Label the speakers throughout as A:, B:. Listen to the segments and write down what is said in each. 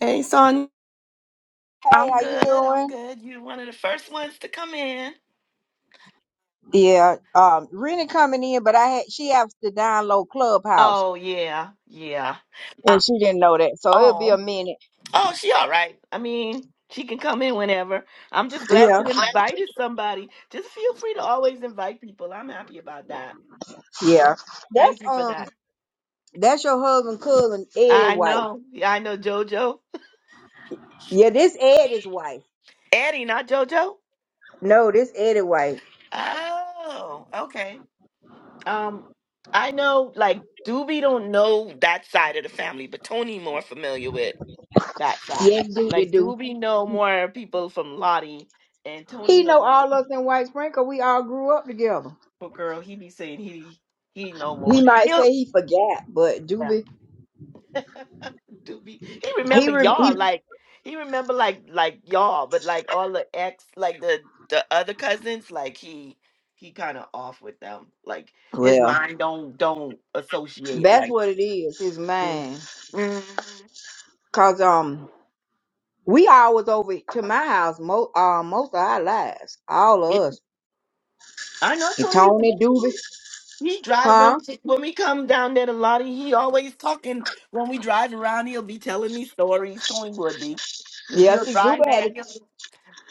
A: Hey, Sonia.
B: Hey,
A: I'm
B: how you
A: good. I'm
B: doing?
A: good. You're one of the first ones to come in.
B: Yeah, um, Rena coming in, but I had she has to download Clubhouse,
A: Oh, yeah. Yeah. Uh,
B: and she didn't know that, so it'll be a
A: oh.
B: minute.
A: Oh, she all right. I mean, she can come in whenever. I'm just glad
B: Yeah,
A: you invited somebody. Just feel free to always invite people. I'm happy about that.
B: yeah.
A: So
B: That's
A: thank you for
B: um,
A: that.
B: that's your husband, cousin Eddie
A: I
B: wife.
A: know. Yeah, I know JoJo.
B: Yeah, this Eddie's wife.
A: Eddie, not JoJo.
B: No, this Eddie wife.
A: Oh, okay. Um, I know like Doobie don't know that side of the family, but Tony more familiar with. that side.
B: Yes, do we
A: Like, do
B: do.
A: we know more people from Lottie and Tony
B: He
A: know
B: know
A: more
B: all
A: people?
B: us in White Spring 'cause we all grew up together.
A: But Girl, he be saying he he know more.
B: He might
A: You know,
B: say he forgot, but Doobie,
A: yeah. do we? He
B: he,
A: remember
B: re- he
A: y'all like he remember like like y'all, but like all the ex like the the other cousins like he he kind of off with them. Like his
B: well,
A: mind don't don't associate
B: that's
A: like.
B: what it is. His
A: Mm.
B: man,
A: Mhm.
B: cause um, We always over to my house most uh, most of our lives, all
A: Yeah,
B: of us.
A: I know
B: And Tony
A: Tony.
B: Doobie,
A: He drive when
B: huh?
A: we, when we come down there to Lottie. He always talking when we drive around. He'll be telling me stories. Tony would be, cause
B: Yeah,
A: we'll
B: see,
A: drive
B: Doobie
A: there
B: had it.
A: and he'll,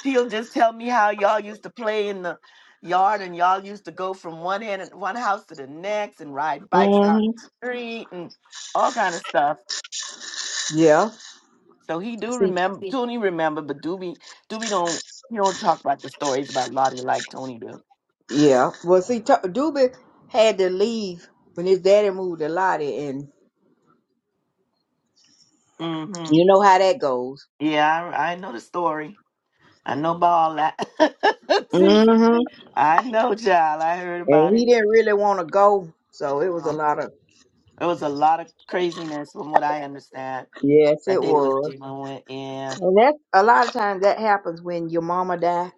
A: he'll just tell me how y'all used to play in the yard and y'all used to go from one end one house to the next and ride bikes down the
B: Mm-hmm.
A: street and all kind of stuff.
B: Yeah,
A: So he do
B: see,
A: remember. Tony remember, but Doobie Doobie don't he don't talk about the stories about Lottie like Tony do.
B: yeah. Well, see, t- Doobie had to leave when his daddy moved to Lottie, and
A: Mm-hmm.
B: you know how that goes.
A: Yeah, I, I know the story. I know about all that. See,
B: Mm-hmm.
A: I know, child. I heard about
B: And
A: it.
B: he didn't really want to go, so it was a
A: No,
B: lot of.
A: it was a lot of craziness from what I understand
B: Yes,
A: that
B: it
A: they was
B: was,
A: dealing with. Yeah,
B: and that's a lot of times that happens when your mama die.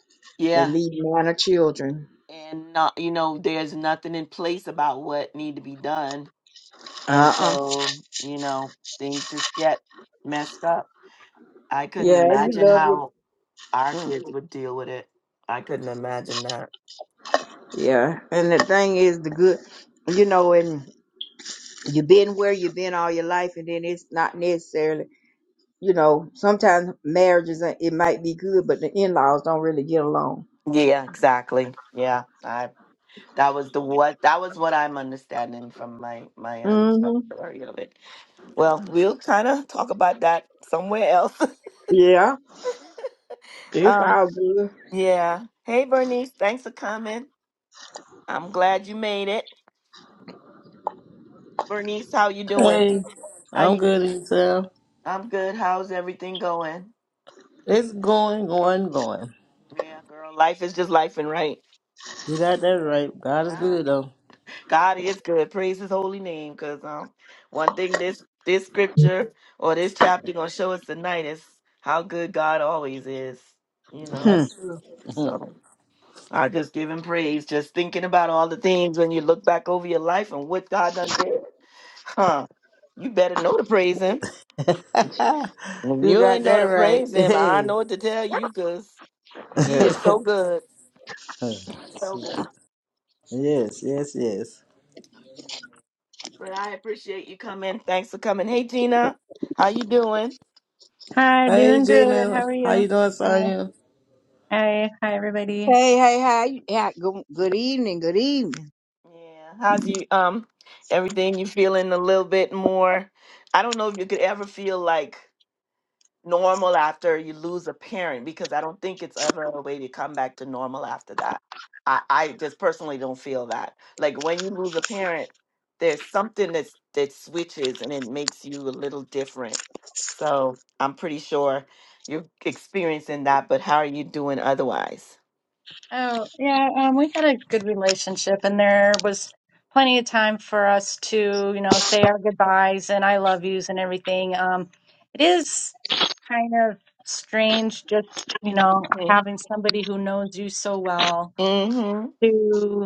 B: They
A: yeah,
B: leave minor children.
A: and not, you know, there's nothing in place about what need to be done, and
B: Uh-uh.
A: so you know, things just get messed up. I couldn't
B: Yeah, you
A: imagine
B: love
A: how our
B: your.
A: kids would deal with it. I couldn't imagine that.
B: Yeah, and the thing is, the good, you know, and you've been where you've been all your life, and then it's not necessarily, you know, sometimes marriages uh, it might be good, but the in laws don't really get along.
A: Yeah, exactly. Yeah, I. That was the what that was what I'm understanding from my my um,
B: hmm
A: story of it. Well, we'll kind of talk about that somewhere else.
B: Yeah, it's
A: um,
B: all good.
A: yeah. Hey, Bernice, thanks for coming. I'm glad you made it. Bernice, how you doing?
C: Hey,
A: How
C: I'm
A: you?
C: good, Isel.
A: I'm good. How's everything going?
C: It's going, going, going.
A: Yeah, girl, life is just life and right.
C: You got that right. God is
A: Nah.
C: good, though.
A: God is good. Praise His holy name, because um, one thing this this scripture or this chapter gonna show us tonight is how good God always is. You know.
C: That's
B: Hmm.
C: true.
A: So I just give him praise, just thinking about all the things when you look back over your life and what God done did. Huh. You better know to praise him. If
C: you
A: you
C: got
A: ain't know
C: that
A: to
C: right.
A: praise him, I
C: Hey.
A: know what to tell you because he
B: yeah.
A: is so good. So good.
C: yes, yes, yes.
A: But I appreciate you coming. Thanks for coming. Hey Gina, how you doing?
D: Hi,
C: Hey,
D: doing good. How
C: Gina.
D: are
C: How
D: you?
C: you doing,
D: Hi,
C: Sonya?
D: hi, hi, everybody.
B: Hey, hey, how you? Yeah, good, good evening, good evening.
A: Yeah. How's you um everything you feeling a little bit more? I don't know if you could ever feel like normal after you lose a parent because I don't think it's ever a way to come back to normal after that. I, I just personally don't feel that. Like when you lose a parent, there's something that's that switches and it makes you a little different. So I'm pretty sure you're experiencing that, but how are you doing otherwise?
D: Oh, yeah, um, we had a good relationship, and there was plenty of time for us to, you know, say our goodbyes and I love yous and everything. Um, it is kind of strange just, you know,
A: Mm-hmm.
D: having somebody who knows you so
A: hmm
D: well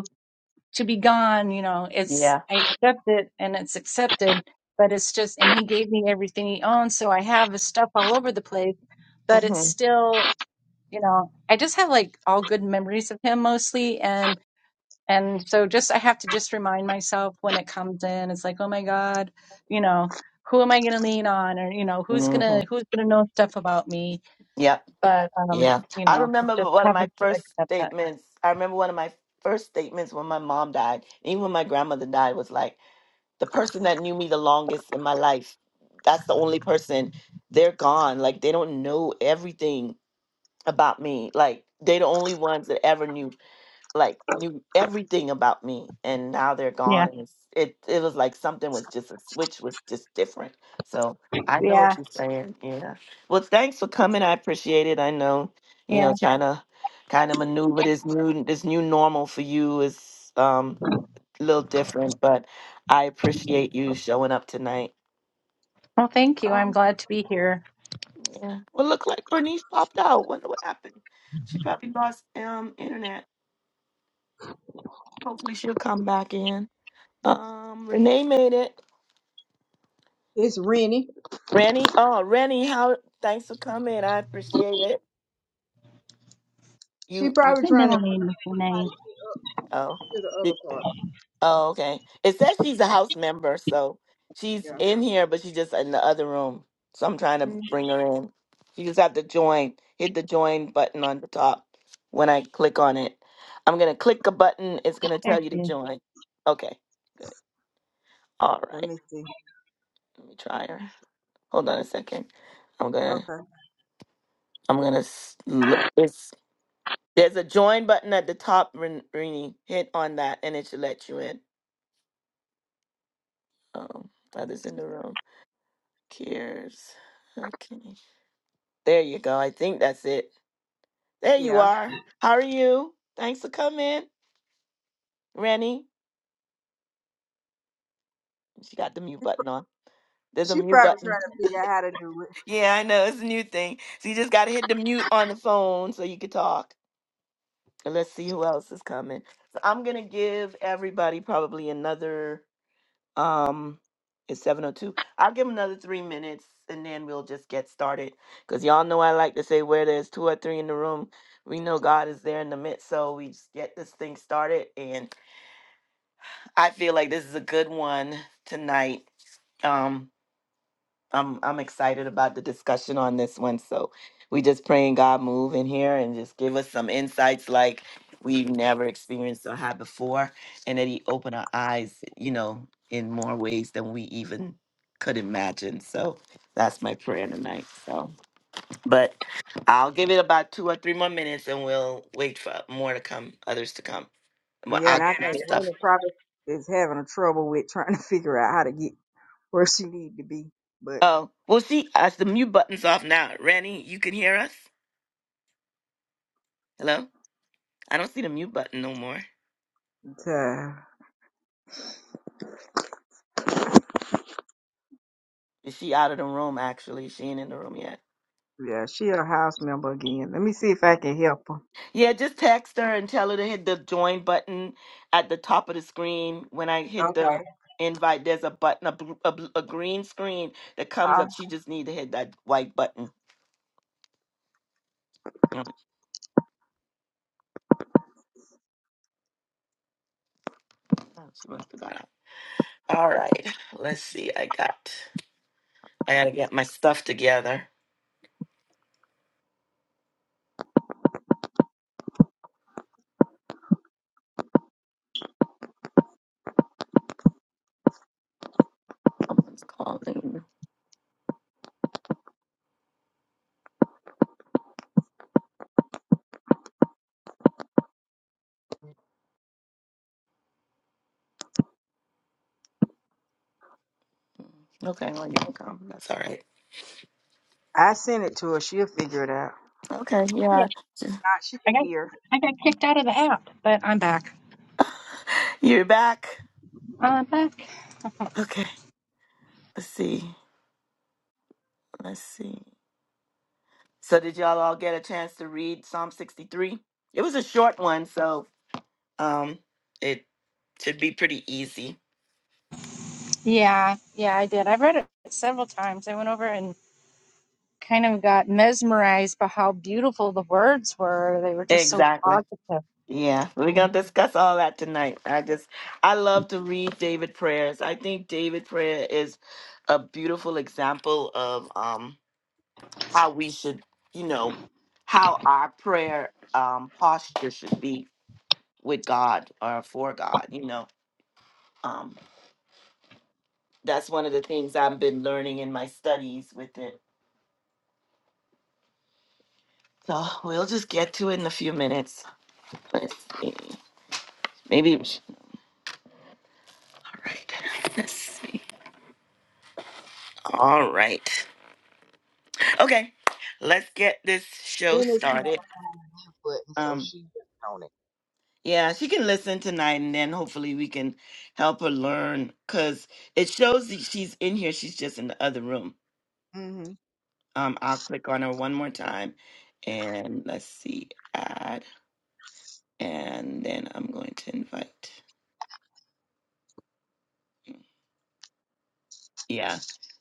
D: to be gone, you know, it's,
A: Yeah.
D: I accept it and it's accepted, but it's just, and he gave me everything he owned. So I have his stuff all over the place, but it's
A: Mm-hmm.
D: still, you know, I just have like all good memories of him mostly. And, and so just, I have to just remind myself when it comes in, it's like, oh my God, you know, who am I going to lean on? Or, you know, who's going
A: Mm-hmm.
D: to, who's going to know stuff about me?
A: Yep.
D: But, um,
A: Yeah.
D: you
A: I
D: know,
A: remember
D: just
A: one of my
D: having to
A: first
D: accept that.
A: statements. I remember one of my first statements when my mom died, even when my grandmother died, was like, the person that knew me the longest in my life, that's the only person, they're gone. Like, they don't know everything about me. Like, they're the only ones that ever knew like knew everything about me and now they're
D: Yeah.
A: gone and it's, it it was like something was just a switch was just different so i know
D: Yeah.
A: what you're saying yeah well thanks for coming i appreciate it i know you
D: Yeah.
A: know kind of kind of maneuver this new this new normal for you is um a little different but i appreciate you showing up tonight
D: Well, thank you. I'm
A: um
D: glad to be here.
A: yeah well look like bernice popped out wonder what happened she probably lost um internet hopefully she'll come back in Um, Renee made it.
B: It's Rennie.
A: Rennie, oh Rennie, how? Thanks for coming. I appreciate it.
B: She
A: You, you.
B: probably
D: My
B: trying to
D: middle
B: learn
D: name is
B: how
D: Renee.
B: to get up
A: Oh,
B: to the other
A: it-
B: part.
A: oh, okay. It says she's a house member, so she's
B: Yeah.
A: in here, but she's just in the other room. So I'm trying to
B: Hmm.
A: bring her in. You just have to join. Hit the join button on the top. When I click on it, I'm gonna click a button. It's gonna
D: There
A: tell you to
D: she is.
A: join. Okay, good. All
B: Let
A: right.
B: me see.
A: Let me try her. Hold on a second. I'm gonna.
B: Okay.
A: I'm gonna. It's There's a join button at the top, Ren- Rini. Hit on that and it should let you in. Oh, others in the room. Cheers. Okay. There you go. I think that's it. There you
B: Yeah.
A: are. How are you? Thanks for coming, Rennie. She got the mute button on. There's a
B: She
A: mute
B: probably
A: button.
B: trying to figure out how to do it.
A: Yeah, I know. It's a new thing. So you just got to hit the mute on the phone so you can talk. And Let's see who else is coming. So I'm going to give everybody probably another. Um, it's 7:02. I'll give 'em another three minutes, and then we'll just get started. Cause y'all know I like to say, where there's two or three in the room, we know God is there in the midst. So we just get this thing started, and I feel like this is a good one tonight. Um. I'm I'm excited about the discussion on this one. So we just praying God move in here and just give us some insights like we've never experienced or had before, and that He open our eyes, you know, in more ways than we even could imagine. So that's my prayer tonight. So, but I'll give it about two or three more minutes, and we'll wait for more to come, others to come. Well,
B: Yeah,
A: I'll
B: and I
A: get my
B: think Wendy
A: stuff.
B: probably is having a trouble with trying to figure out how to get where she need to be. But
A: Oh, well, see, as the mute button's off now. Rennie, you can hear us. Hello. I don't see the mute button no more.
B: uh,
A: Is she out of the room actually? She ain't in the room yet.
B: yeah, she a house member again. Let me see if I can help her.
A: Yeah, just text her and tell her to hit the join button at the top of the screen. When I hit the
B: Okay,
A: invite, there's a button, a, bl- a, bl- a green screen that comes
B: I
A: up. She just need to hit that white button. Mm. Oh, she must have got out. All right, let's see. I got, I gotta get my stuff together. Someone's calling. Okay, well you can come. That's all right.
B: I sent it to her. She'll figure it out.
A: Okay,
D: Yeah,
A: yeah,
B: Uh, she
D: I
B: can
D: got
B: hear.
D: I got kicked out of the app, but I'm back.
A: you're back.
D: I'm back.
A: Okay, let's see. Let's see. So did y'all all get a chance to read Psalm 63? It was a short one, so um it should be pretty easy.
D: Yeah, yeah, I did. I've read it several times. I went over and kind of got mesmerized by how beautiful the words were. They were just so
A: Exactly.
D: positive.
A: Yeah, we're gonna discuss all that tonight. I just I love to read David prayers. I think David prayer is a beautiful example of um how we should, you know, how our prayer um posture should be with God or for God, you know. um. that's one of the things I've been learning in my studies with it. So we'll just get to it in a few minutes. Let's see. Maybe. All right. Let's see. All right. Okay. Let's get this show
B: Then it's time to
A: started.
B: find the mute button, so
A: Um.
B: she on it.
A: Yeah, she can listen tonight, and then hopefully we can help her learn. Cause it shows that she's in here. She's just in the other room.
B: Mhm.
A: Um. I'll click on her one more time, and let's see. Add, and then I'm going to invite. Yeah.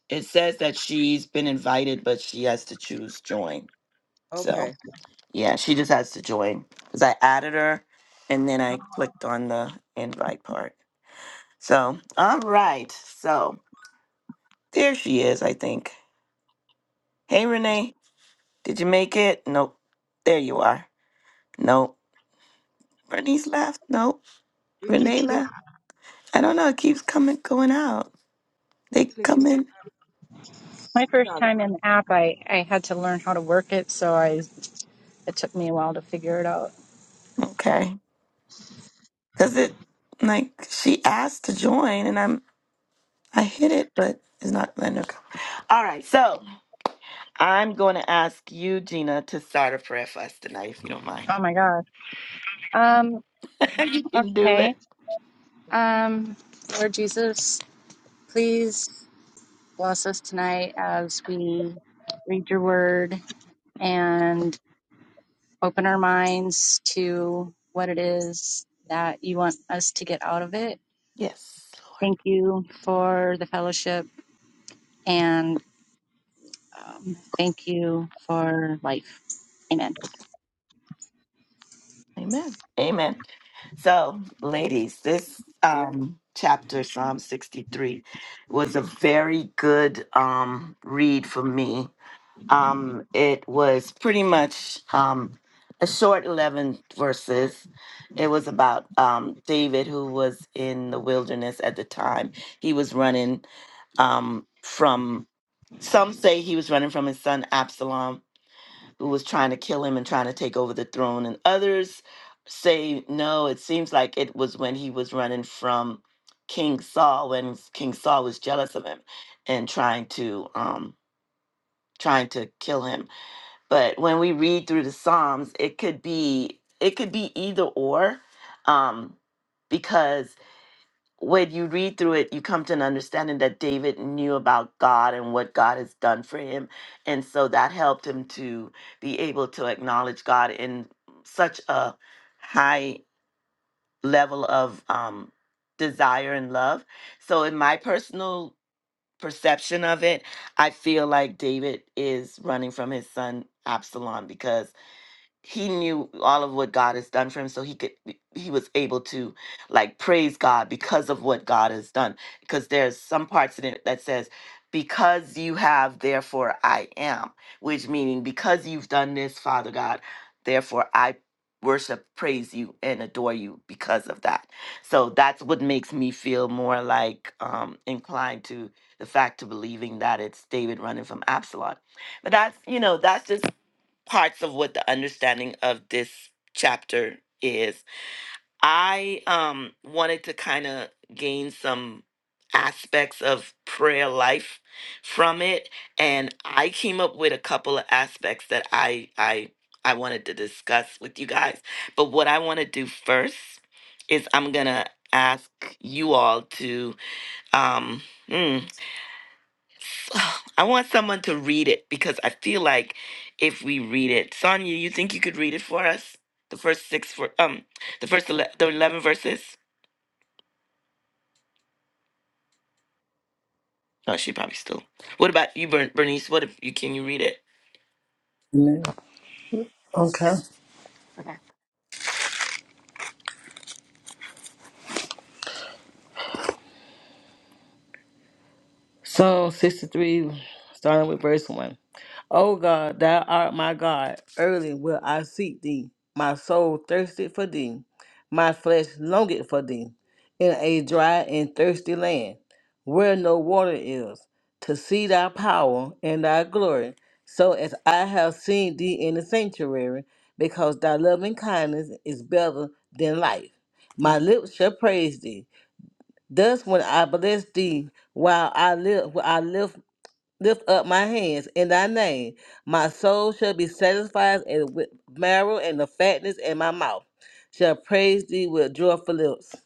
A: It says that she's been invited, but she has to choose join. So,
B: Okay.
A: yeah, she just has to join because I added her and then I clicked on the invite part. So, all right. So, there she is, I think. Hey, Renee, did you make it? Nope. There you are. Nope. Bernice left. Nope.
B: We keep,
A: Renee
B: co-
A: left. I don't know. It keeps coming, going out.
B: keep
A: They come
B: clicking.
A: in.
D: My first time in the app, I I had to learn how to work it, so I it took me a while to figure it out.
A: Okay. Because it, like, she asked to join and I'm I hit it, but it's not letting it go. All right, so I'm going to ask you, Gina, to start a prayer for us tonight, if you don't mind.
D: Oh my god. Um.
A: you can do
D: Okay.
A: it.
D: Um. Lord Jesus, please. Bless us tonight as we read your word and open our minds to what it is that you want us to get out of it.
A: Yes, Lord.
D: Thank you for the fellowship and um, thank you for life. Amen.
A: Amen. Amen. So, ladies, this um, chapter, Psalm 63, was a very good um, read for me Um, it was pretty much um, a short 11 verses. It was about um, David, who was in the wilderness at the time. He was running um, from, some say he was running from his son Absalom, who was trying to kill him and trying to take over the throne. And others say, no, it seems like it was when he was running from King Saul, when King Saul was jealous of him and trying to. Um, trying to kill him but when we read through the psalms it could be it could be either or um because when you read through it you come to an understanding that david knew about god and what god has done for him and so that helped him to be able to acknowledge god in such a high level of um desire and love so in my personal perception of it i feel like david is running from his son absalom because he knew all of what God has done for him, so he could he was able to like praise God because of what God has done. Because there's some parts in it that says, "Because you have, therefore I am," which meaning because you've done this, Father God, therefore I worship, praise you, and adore you because of that. So that's what makes me feel more like um, inclined to the fact to believing that it's David running from Absalom. But that's you know that's just parts of what the understanding of this chapter is. I um wanted to kind of gain some aspects of prayer life from it and I came up with a couple of aspects that I I I wanted to discuss with you guys. But what I want to do first is I'm going to ask you all to um hmm, I want someone to read it because I feel like if we read it, Sonia, you think you could read it for us? The first six for um, the first ele- the eleven verses. Oh, she probably still. What about you, Bern- Bernice? What if you can you read it?
C: Yeah. Okay.
A: Okay.
C: Psalm 63, starting with verse 1. O God, thou art my God, early will I seek thee. My soul thirsted for thee, my flesh longed for thee, in a dry and thirsty land, where no water is, to see thy power and thy glory, so as I have seen thee in the sanctuary, because thy loving kindness is better than life. My
A: Mm.
C: lips shall praise thee. Thus, when I bless thee, while I live, while I lift lift up my hands in thy name, my soul shall be satisfied and with marrow and the fatness in my mouth shall praise thee with joyful lips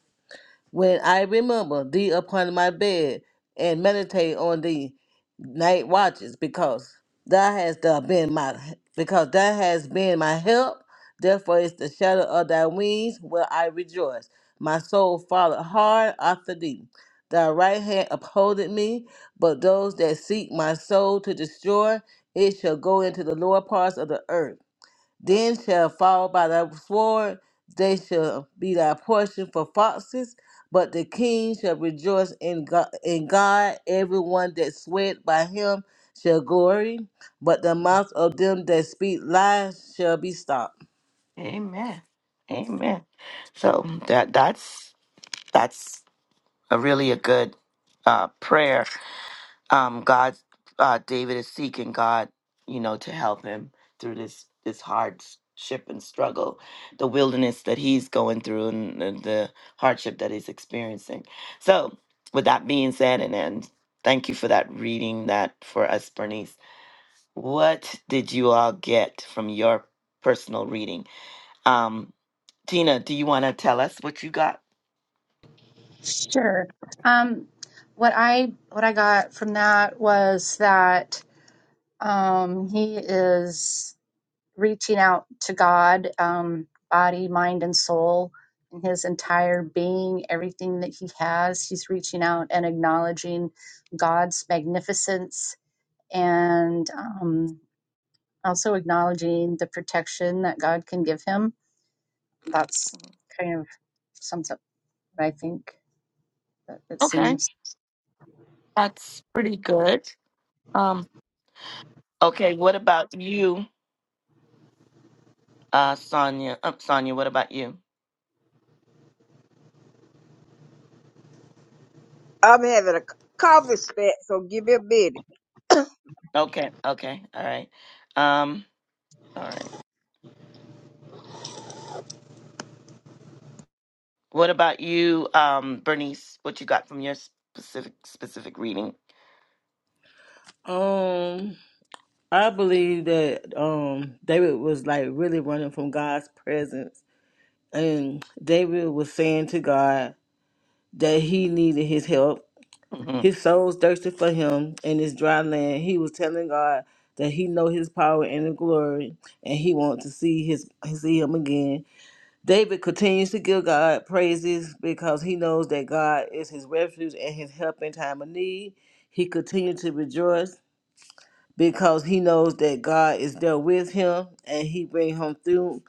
C: when I remember thee upon my bed and meditate on thee night watches, because thou hast thou been my because thou hast been my help. Therefore is the shadow of thy wings will I rejoice. My soul followed hard after thee. Thy right hand upholdeth me, but those that seek my soul to destroy, it shall go into the lower parts of the earth. Then shall fall by thy sword, they shall be thy portion for foxes, but the king shall rejoice in God, in God. Everyone that sweat by him shall glory, but the mouth of them that speak lies shall be stopped.
A: Amen. Amen. So that that's that's a really a good uh, prayer um God uh David is seeking God, you know, to help him through this this hardship and struggle, the wilderness that he's going through and the, the hardship that he's experiencing. So, with that being said and, and thank you for that reading that for us Bernice. What did you all get from your personal reading? Um Tina, do you want to tell us what you got?
D: Sure. Um, what I what I got from that was that um, he is. reaching out to God, um, body, mind, and soul, and his entire being, everything that he has. He's reaching out and acknowledging God's magnificence and um, also acknowledging the protection that God can give him. That's kind of sums up what I think that it
A: Okay.
D: seems.
A: That's pretty good. Um okay, what about you? Uh, Sonia. Um, Sonia, what about you?
B: I'm having a c- coffee spat, so give me a minute.
A: Okay, okay, all right. Um, all right. What about you, um, Bernice? What you got from your specific specific reading?
C: Um, I believe that um David was like really running from God's presence, and David was saying to God that he needed His help
A: hmm
C: His souls thirsted for him in this dry land. He was telling God that he know his power and the glory, and he wants to see his see him again. David continues to give God praises because he knows that God is his refuge and his help in time of need. He continued to rejoice because he knows that God is there with him and he bring him through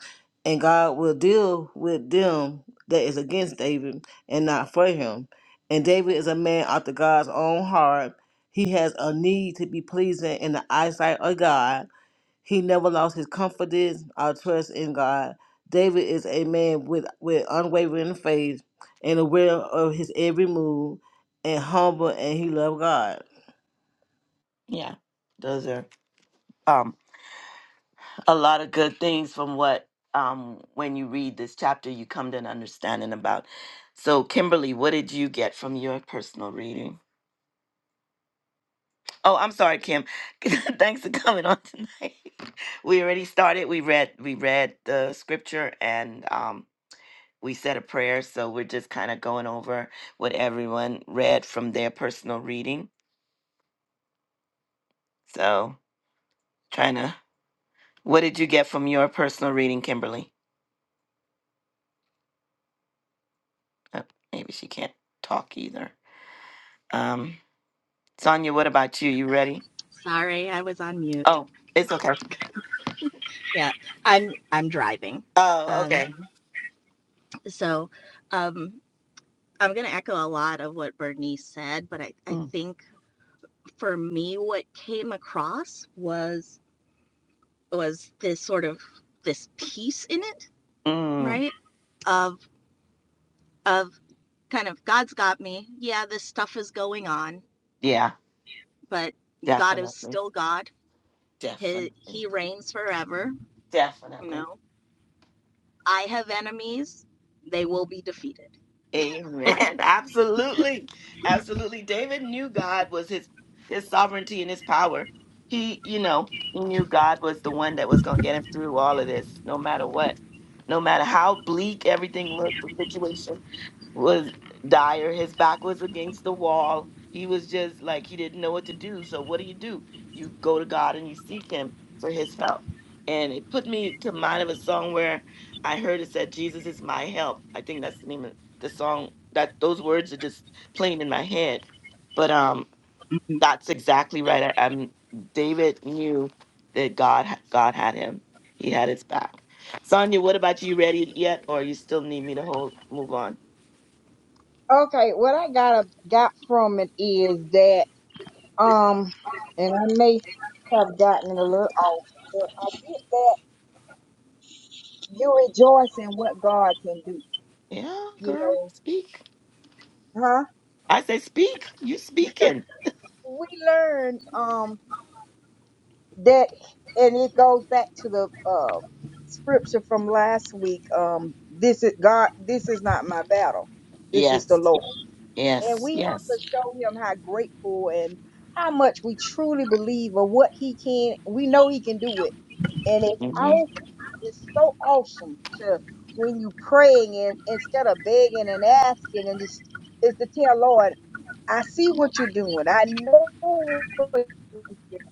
C: and God will deal with them that is against David and not for him. And David is a man after God's own heart. He has a need to be pleasing in the eyesight of God. He never lost his confidence or trust in God. David is a man with, with unwavering faith and aware of his every move and humble and he loved God.
A: Yeah, those are um a lot of good things from what um when you read this chapter you come to an understanding about. So, Kimberly, what did you get from your personal reading? Oh, I'm sorry, Kim. Thanks for coming on tonight. we already started. We read we read the scripture and um we said a prayer, so we're just kind of going over what everyone read from their personal reading. So, trying to, what did you get from your personal reading, Kimberly? Uh, maybe she can't talk either. Um, Sonia, what about you? You ready?
E: Sorry, I was on mute.
A: Oh, it's okay.
E: Yeah, I'm I'm driving.
A: Oh,
E: Um,
A: okay.
E: so um, I'm going to echo a lot of what Bernice said, but I, I
A: Mm,
E: think for me, what came across was was this sort of this peace in it,
A: mm,
E: right? Of of kind of God's got me. Yeah, this stuff is going on,
A: yeah,
E: but God is
A: definitely,
E: still God. He
A: definitely,
E: He reigns forever. You
A: definitely.
E: know, I have enemies; they will be defeated.
A: Amen. Absolutely. Absolutely. David knew God was his his sovereignty and his power. He, you know, he knew God was the one that was going to get him through all of this, no matter what. No matter how bleak everything looked, the situation was dire. His back was against the wall. He was just like he didn't know what to do. So what do you do? You go to God and you seek Him for His help. And it put me to mind of a song where I heard it said, "Jesus is my help." I think that's the name of the song. That those words are just playing in my head. But um,
E: Mm-hmm.
A: that's exactly right. I, I'm David knew that God ha- God had him. He had his back. Sonia, what about you? Ready yet, or you still need me to hold move on?
B: Okay, what I got got from it is that. Um, and I may have gotten it a little off, but I get that you rejoice in what God can do.
A: Yeah,
B: You
A: girl,
B: know,
A: speak.
B: huh?
A: I say, speak. You speaking?
B: We learn um that, and it goes back to the uh scripture from last week. Um, this is God. This is not my battle. This is the
A: Yes,
B: Lord. And
A: yes,
B: we have
A: yes.
B: to show him how grateful and how much we truly believe of what he can. We know he can do it. And it's
A: hmm
B: all it's so awesome to when you praying and instead of begging and asking and just is to tell Lord, I see what you're doing. I know what you're doing.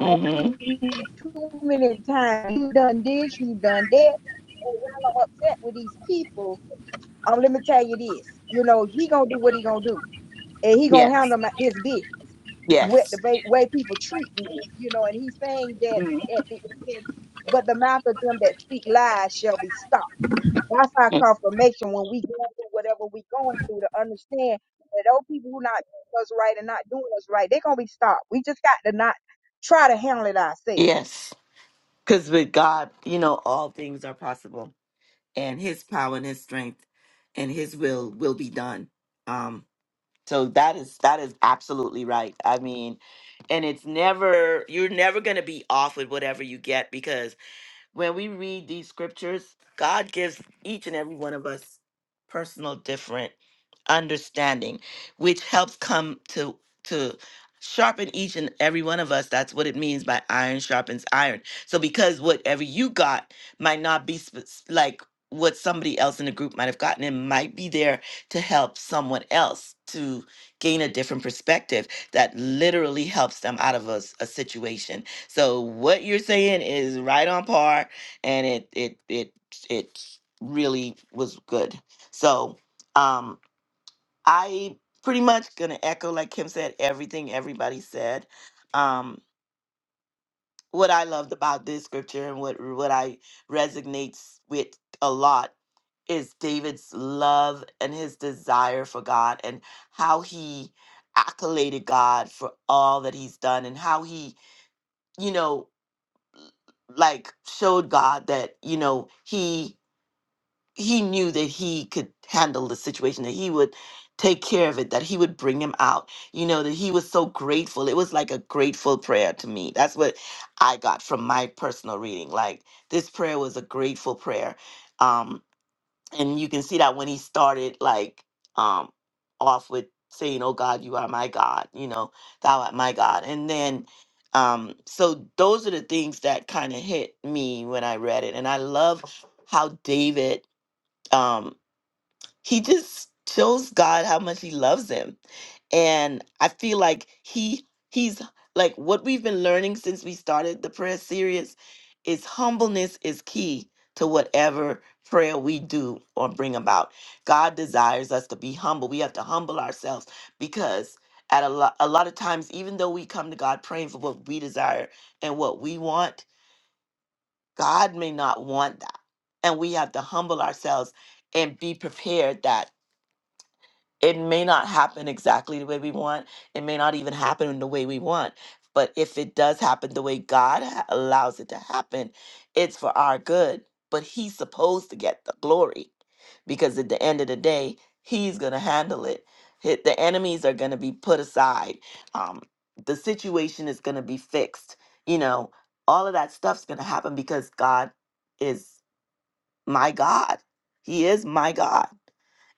B: I've seen you too many times. You done this, you done that. And while I'm upset with these people, um, let me tell you this. You know, he gonna do what he gonna do and he gonna
A: Yes,
B: handle my, his business with the
A: yes,
B: ba- way people treat me, you know. And he's saying that at the end, but the mouth of them that speak lies shall be stopped. That's our
A: mm,
B: confirmation when we go through whatever we going through to understand that those people who not doing us right and not doing us right, they're gonna be stopped. We just got to not try to handle it ourselves.
A: yes. Because with God, you know, all things are possible, and His power and His strength, and His will will be done. Um. So that is that is absolutely right. I mean, and it's never you're never gonna be off with whatever you get because When we read these scriptures, God gives each and every one of us personal different understanding, which helps come to to sharpen each and every one of us. That's what it means by iron sharpens iron. So because whatever you got might not be sp- s- like what somebody else in the group might have gotten, it might be there to help someone else to gain a different perspective that literally helps them out of a, s- a situation so what you're saying is right on par, and it it it it really was good. So um, I pretty much gonna echo like Kim said everything everybody said. Um, what I loved about this scripture and what what I resonates with a lot is David's love and his desire for God and how he accoladed God for all that he's done and how he you know like showed God that you know he he knew that he could handle the situation that he would take care of it that he would bring him out you know that he was so grateful it was like a grateful prayer to me that's what i got from my personal reading like this prayer was a grateful prayer Um, and you can see that when he started like um off with saying oh god you are my god you know thou art my god and then um so those are the things that kind of hit me when i read it and i love how david um he just shows God how much he loves him. And I feel like he he's like what we've been learning since we started the prayer series is humbleness is key to whatever prayer we do or bring about. God desires us to be humble. We have to humble ourselves because at a lot, a lot of times even though we come to God praying for what we desire and what we want, God may not want that. And we have to humble ourselves and be prepared that it may not happen exactly the way we want. It may not even happen in the way we want. But if it does happen the way God ha- allows it to happen, it's for our good. But He's supposed to get the glory because at the end of the day, He's going to handle it. Hi- The enemies are going to be put aside. Um, the situation is going to be fixed. You know, all of that stuff's going to happen because God is my God. He is my God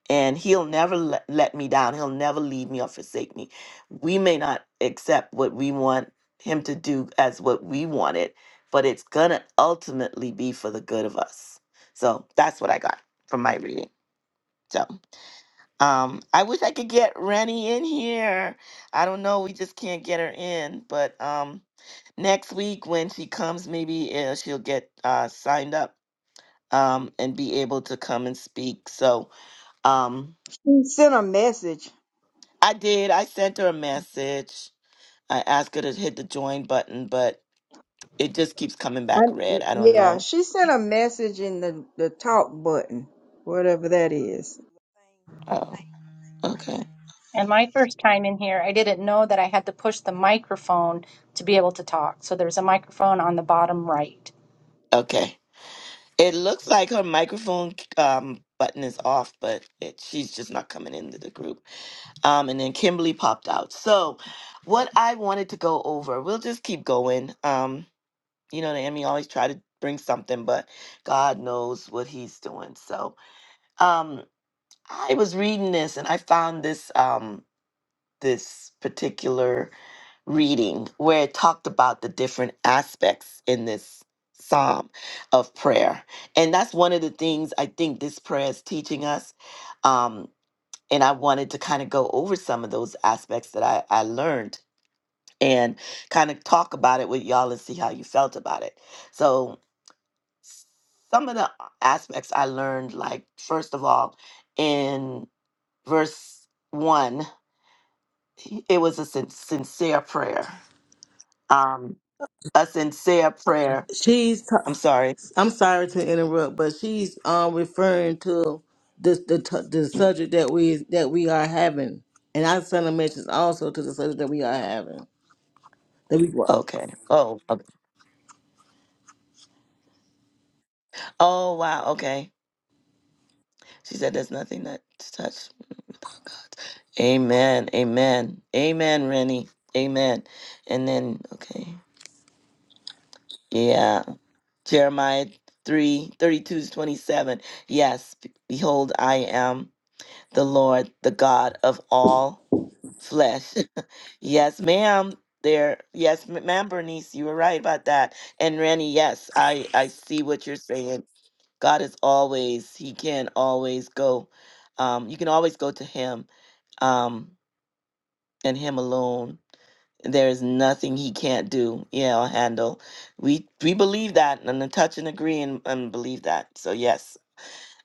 A: and he'll never let, let me down he'll never leave me or forsake me we may not accept what we want him to do as what we want it but it's gonna ultimately be for the good of us so that's what i got from my reading so um i wish i could get rennie in here i don't know we just can't get her in but um next week when she comes maybe uh, she'll get uh signed up um and be able to come and speak so um
B: She sent a message.
A: I did. I sent her a message. I asked her to hit the join button, but it just keeps coming
B: I,
A: back red. I don't
B: yeah,
A: know.
B: she sent a message in the, the talk button, whatever that is.
A: Oh, Right. okay.
D: And my first time in here, I didn't know that I had to push the microphone to be able to talk. So there's a microphone on the bottom right.
A: Okay. It looks like her microphone um, button is off, but it, she's just not coming into the group. Um, and then Kimberly popped out. So, what I wanted to go over, we'll just keep going. Um, you know, the enemy always try to bring something, but God knows what He's doing. So, um, I was reading this and I found this. Um, this particular reading where it talked about the different aspects in this psalm of prayer. And that's one of the things I think this prayer is teaching us. Um, and I wanted to kind of go over some of those aspects that I, I learned and kind of talk about it with y'all and see how you felt about it. So, s- some of the aspects I learned, like, first of all, in verse one, it was a sin- sincere prayer um a sincere prayer.
C: She's t-
A: I'm sorry.
C: I'm sorry to interrupt, but she's um referring to the the t- the subject that we that we are having, and I sent a message also to the subject that we are having. That we what?
A: Okay. Oh. Okay. Oh wow. Okay. She said there's nothing that's touched without God. Amen. Amen. Amen, Rennie. Amen. And then okay. Yeah. Jeremiah 3, thirty-two to 27. Yes, be- behold, I am the Lord, the God of all flesh. Yes, ma'am. There, yes, m- ma'am, Bernice, you were right about that. And Randy, yes, I I see what you're saying. God is always, He can always go. Um, you can always go to Him, um, and Him alone. There is nothing He can't do. Yeah, or handle. We we believe that and I touch and agree and, and believe that. So yes,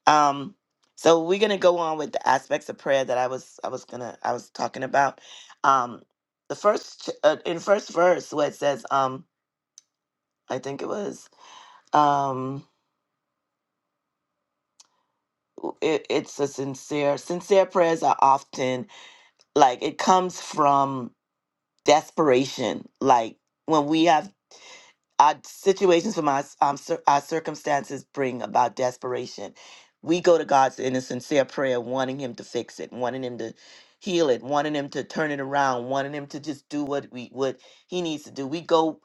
A: um, so we're gonna go on with the aspects of prayer that I was I was gonna I was talking about. Um, the first ch- uh, in first verse where it says um I think it was um w- it, it's a sincere sincere prayers are often like it comes from desperation like when we have our situations from our, um, cir- our circumstances bring about desperation. We go to God in a sincere prayer, wanting Him to fix it, wanting Him to heal it, wanting Him to turn it around, wanting Him to just do what we what He needs to do. We go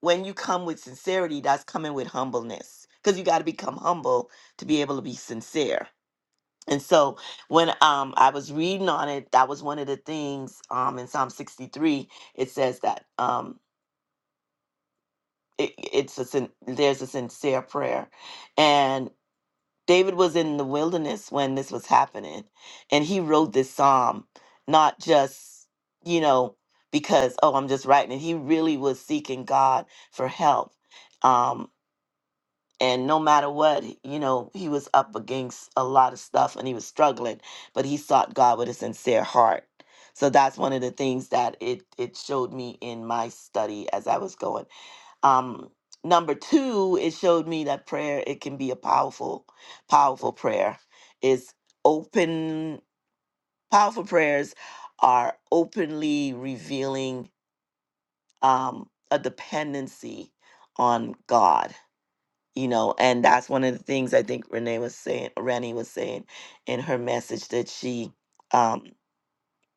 A: when you come with sincerity, that's coming with humbleness, because you got to become humble to be able to be sincere. And so when um, I was reading on it, that was one of the things um, in Psalm 63. It says that. Um, it, it's a sin, there's a sincere prayer and david was in the wilderness when this was happening and he wrote this psalm not just you know because oh i'm just writing it he really was seeking god for help um and no matter what you know he was up against a lot of stuff and he was struggling but he sought god with a sincere heart so that's one of the things that it it showed me in my study as i was going um, number two, it showed me that prayer it can be a powerful, powerful prayer. Is open powerful prayers are openly revealing um, a dependency on God. You know, and that's one of the things I think Renee was saying. Rennie was saying in her message that she. Um,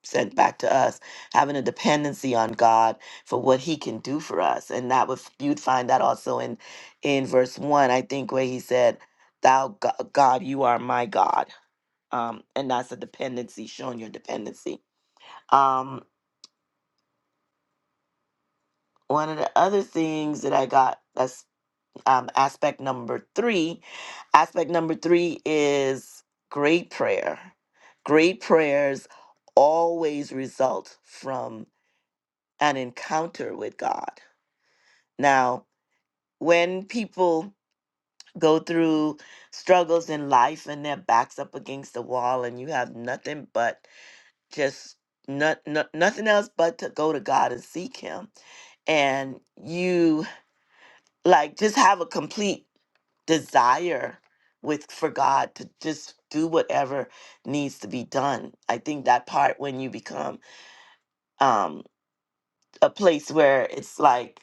A: sent back to us, having a dependency on God for what He can do for us, and that was you'd find that also in in verse one, I think, where He said, "Thou Go- God, you are my God," um, and that's a dependency, showing your dependency. Um, one of the other things that I got that's um, aspect number three. Aspect number three is great prayer. Great prayers always result from an encounter with God Now, when people go through struggles in life and their backs up against the wall and you have nothing but just not, nothing else but to go to God and seek him and you like just have a complete desire with for God to just do whatever needs to be done. I think that part when you become um a place where it's like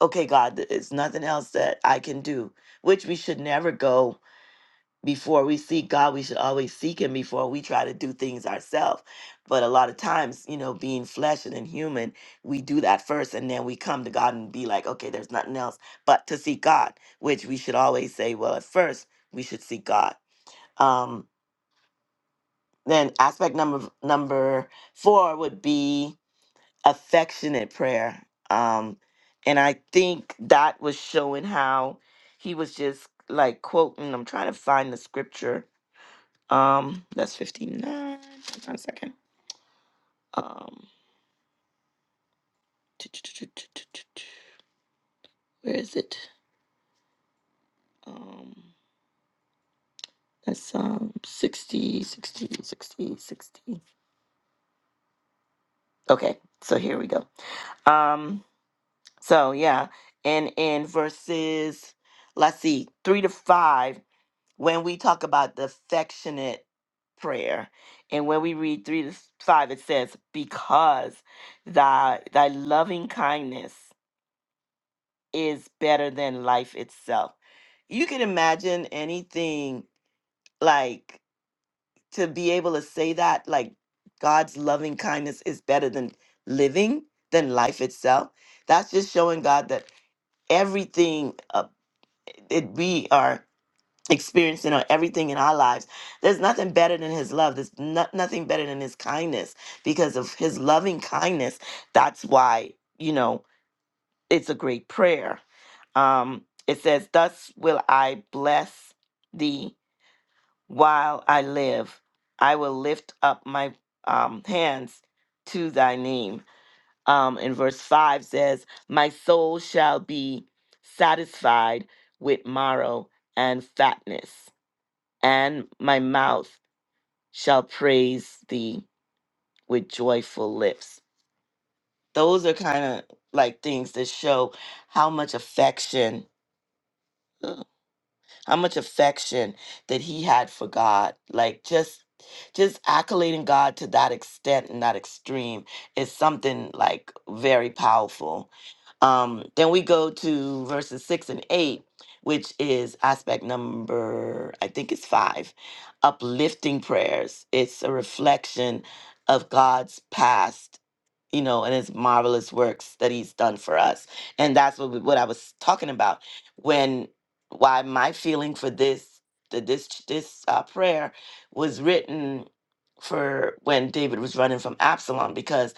A: okay God, there's nothing else that I can do, which we should never go before we seek God, we should always seek Him before we try to do things ourselves. But a lot of times, you know, being flesh and human, we do that first and then we come to God and be like, okay, there's nothing else but to seek God, which we should always say, well, at first we should seek God. Um, then aspect number number four would be affectionate prayer. Um, and I think that was showing how he was just like quoting, I'm trying to find the scripture um, that's 59. Hold on a second. Um, where is it? Um, that's um 60, 60, 60, sixty. Okay, so here we go. Um, so yeah, and in verses, let's see, three to five, when we talk about the affectionate prayer, and when we read three to five, it says, Because thy thy loving kindness. is better than life itself. You can imagine anything like to be able to say that, like God's loving kindness is better than living, than life itself. That's just showing God that everything uh, it, we are experiencing or everything in our lives, there's nothing better than His love. There's no, nothing better than His kindness because of His loving kindness. That's why, you know. it's a great prayer. Um, it says, Thus will I bless thee while I live. I will lift up my um, hands to thy name. Um, and verse 5 says, My soul shall be satisfied with marrow and fatness, and my mouth shall praise thee with joyful lips. Those are kind of like things that show how much affection. how much affection that he had for God. Like just just accolading God to that extent and that extreme is something like very powerful. Um, then we go to verses six and eight, which is aspect number, I think it's five, uplifting prayers. It's a reflection of God's past you know, and his marvelous works that he's done for us. And that's what we- what I was talking about when why my feeling for this that this ch- this uh, prayer was written for when David was running from Absalom because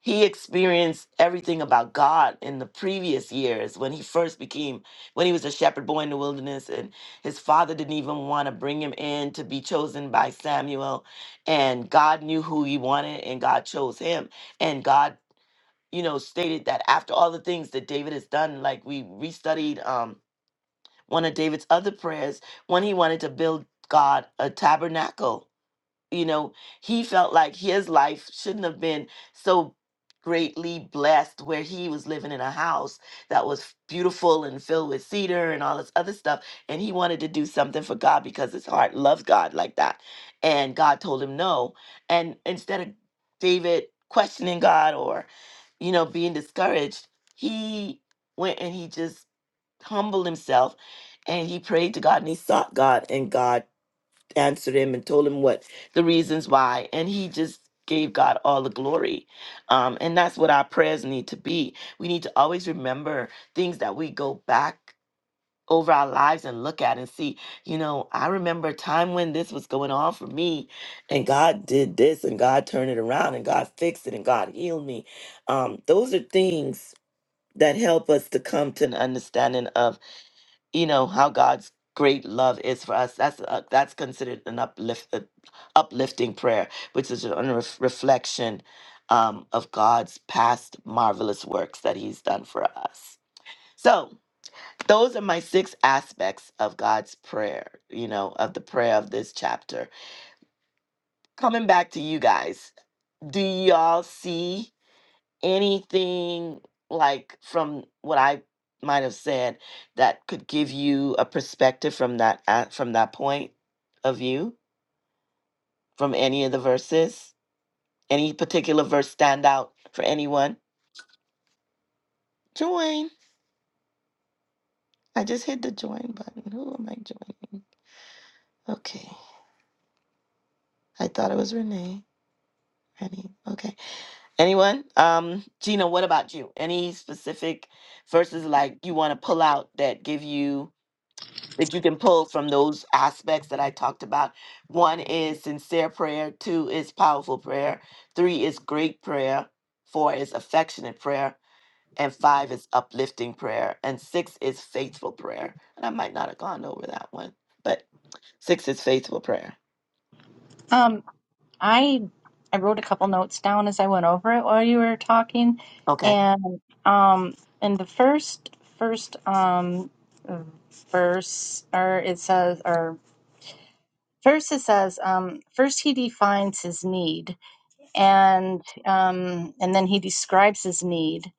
A: he experienced everything about God in the previous years when he first became when he was a shepherd boy in the wilderness and his father didn't even want to bring him in to be chosen by Samuel and God knew who he wanted and God chose him and God you know, stated that after all the things that David has done, like we restudied um, one of David's other prayers when he wanted to build God a tabernacle you know he felt like his life shouldn't have been so greatly blessed where he was living in a house that was beautiful and filled with cedar and all this other stuff and he wanted to do something for God because his heart loves God like that and God told him no and instead of David questioning God or you know being discouraged he went and he just humbled himself and he prayed to God and he sought God and God answered him and told him what the reasons why. And he just gave God all the glory. Um, and that's what our prayers need to be. We need to always remember things that we go back over our lives and look at and see, you know, I remember a time when this was going on for me and God did this and God turned it around and God fixed it and God healed me. Um, those are things that help us to come to an understanding of you know how God's great love is for us. That's uh, that's considered an uplift, uh, uplifting prayer, which is a ref- reflection um, of God's past marvelous works that He's done for us. So those are my six aspects of God's prayer. You know, of the prayer of this chapter. Coming back to you guys, do y'all see? anything like from what I might have said that could give you a perspective from that a- from that point of view from any of the verses? Any particular verse stand out for anyone? Join. I just hit the join button. Who am I joining? Okay. I thought it was Renee. Renee. Okay. Anyone? Um, Gina, what about you? Any specific verses like you want to pull out that give you that you can pull from those aspects that I talked about. One is sincere prayer, two is powerful prayer, three is great prayer, four is affectionate prayer, and five is uplifting prayer, and six is faithful prayer. And I might not have gone over that one, but six is faithful prayer.
D: Um, I I wrote a couple notes down as I went over it while you were talking,
A: Okay.
D: and um, in the first first um verse, or it says, or First, it says, um, first he defines his need, and um, and then he describes his need.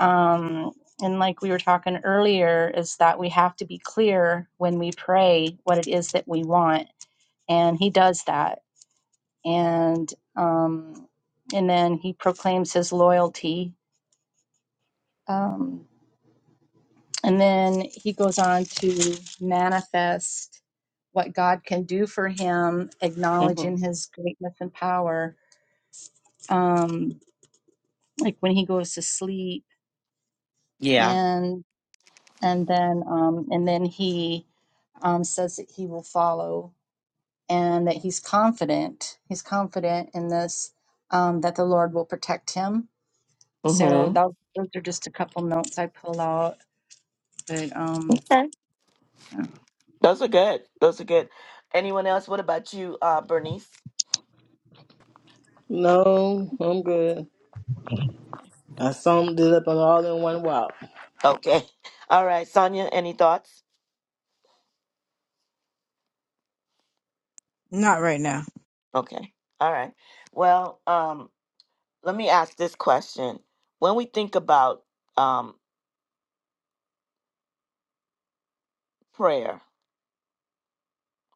D: Um, and like we were talking earlier, is that we have to be clear when we pray what it is that we want, and he does that. And um, and then he proclaims his loyalty, um, and then he goes on to manifest what God can do for him,
A: hmm
D: acknowledging his greatness and power um like when he goes to sleep
A: Yeah.
D: and and then um and then he um says that he will follow and that he's confident he's confident in this um that the lord will protect him so
A: hmm
D: that, those are just a couple notes i pull out but um
A: Okay.
D: yeah
A: Those are good. Those are good. Anyone else? What about you, uh, Bernice?
C: No, I'm good. I summed it up all in one walk.
A: Okay. All right, Sonia, any thoughts?
B: Not right now.
A: Okay. All right. Well, um, let me ask this question. When we think about um, prayer,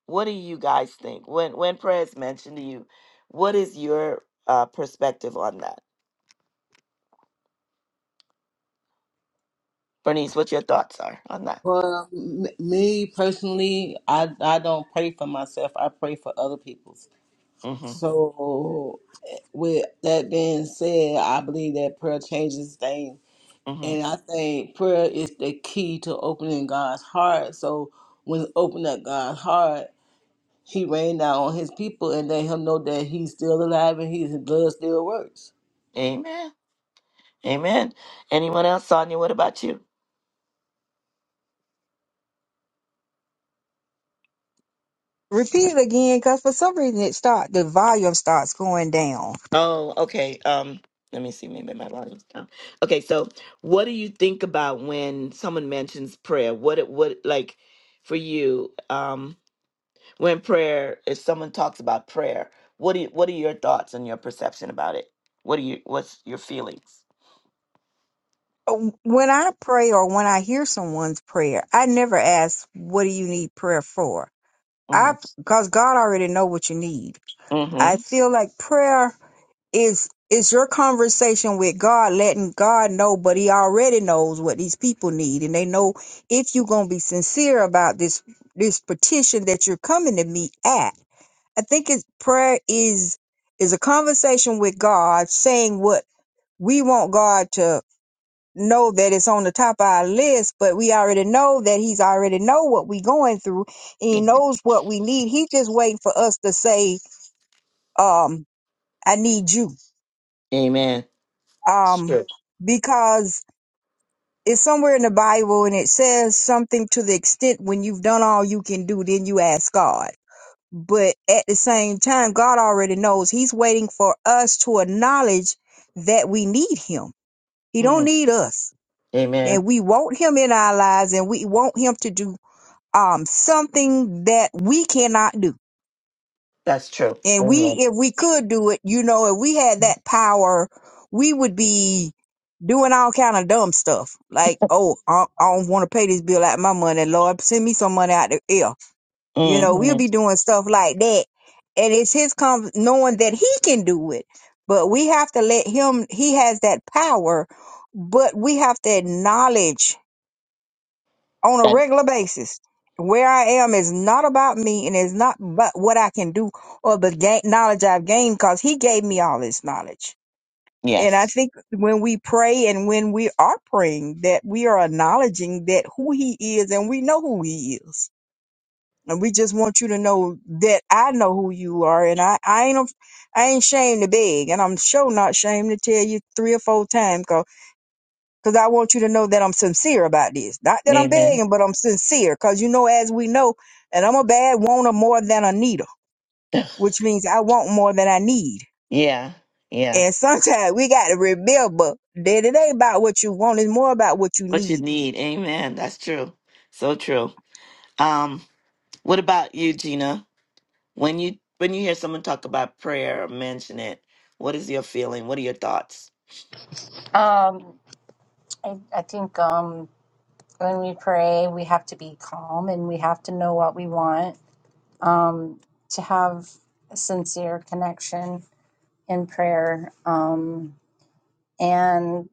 A: what do you guys think? When when prayer is mentioned to you, what is your uh, perspective on that? Bernice, what your thoughts are on that?
C: Well, m- me personally, I I don't pray for myself. I pray for other people's.
A: Mm-hmm.
C: So, with that being said, I believe that prayer changes things
A: Mm-hmm.
C: And I think prayer is the key to opening God's heart. So when open up God's heart, He rained down on His people and let Him know that He's still alive and His blood still works.
A: Amen. Amen. Anyone else, Sonia? What about you?
B: Repeat it again, cause for some reason it start the volume starts going down.
A: Oh, okay. Um, let me see. Maybe my volume's down. Okay, so what do you think about when someone mentions prayer? What it what like for you? Um, when prayer if someone talks about prayer what do you, what are your thoughts and your perception about it what are you what's your feelings
B: Oh, When I pray or when I hear someone's prayer, I never ask, "What do you need prayer for?"
A: hmm
B: I, cause God already know what you need.
A: hmm
B: I feel like prayer. is is your conversation with God letting God know, but He already knows what these people need, and they know if you're gonna be sincere about this this petition that you're coming to me at. I think it's prayer is is a conversation with God, saying what we want God to know that it's on the top of our list, but we already know that He's already know what we going through, and He knows what we need. He just waiting for us to say, um, "I need you."
A: amen it's
B: um,
A: true
B: because it's somewhere in the Bible and it says something to the extent when you've done all you can do, then you ask God. But at the same time, God already knows He's waiting for us to acknowledge that we need Him. He don't
A: Mhm.
B: need us, and
A: amen
B: we want Him in our lives, and we want Him to do um something that we cannot do
A: that's true
B: And we,
A: amen
B: if we could do it, you know, if we had that power, we would be doing all kind of dumb stuff. Like, oh, I, I don't want to pay this bill out of my money. Lord, send me some money out the air. You know, we'll
A: hmm
B: be doing stuff like that. And it's his com- knowing that he can do it, but we have to let him, he has that power, but we have to acknowledge on a
A: that,
B: regular basis. Where I am is not about me and is not but what I can do or the ga- knowledge I've gained because he gave me all this knowledge. And I
A: yes
B: think when we pray and when we are praying that we are acknowledging that who he is and we know who he is. And we just want you to know that I know who you are and I, I ain't, af- I ain't ashamed to beg and I'm sure not ashamed to tell you three or four times Cause I want you to know that I'm sincere about this. Not that I'm
A: amen
B: begging, but I'm sincere. Cause you know, as we know, and I'm a bad wanter more than a needer, which means I want more than I need.
A: yeah yeah
B: And sometimes we got to remember that it ain't about what you want; it's more about what you
A: what you
B: need.
A: need amen that's true so true um what about you gina when you when you hear someone talk about prayer or mention it what is your feeling what are your thoughts
D: um i, I think um when we pray we have to be calm and we have to know what we want um to have a sincere connection in prayer. Um, and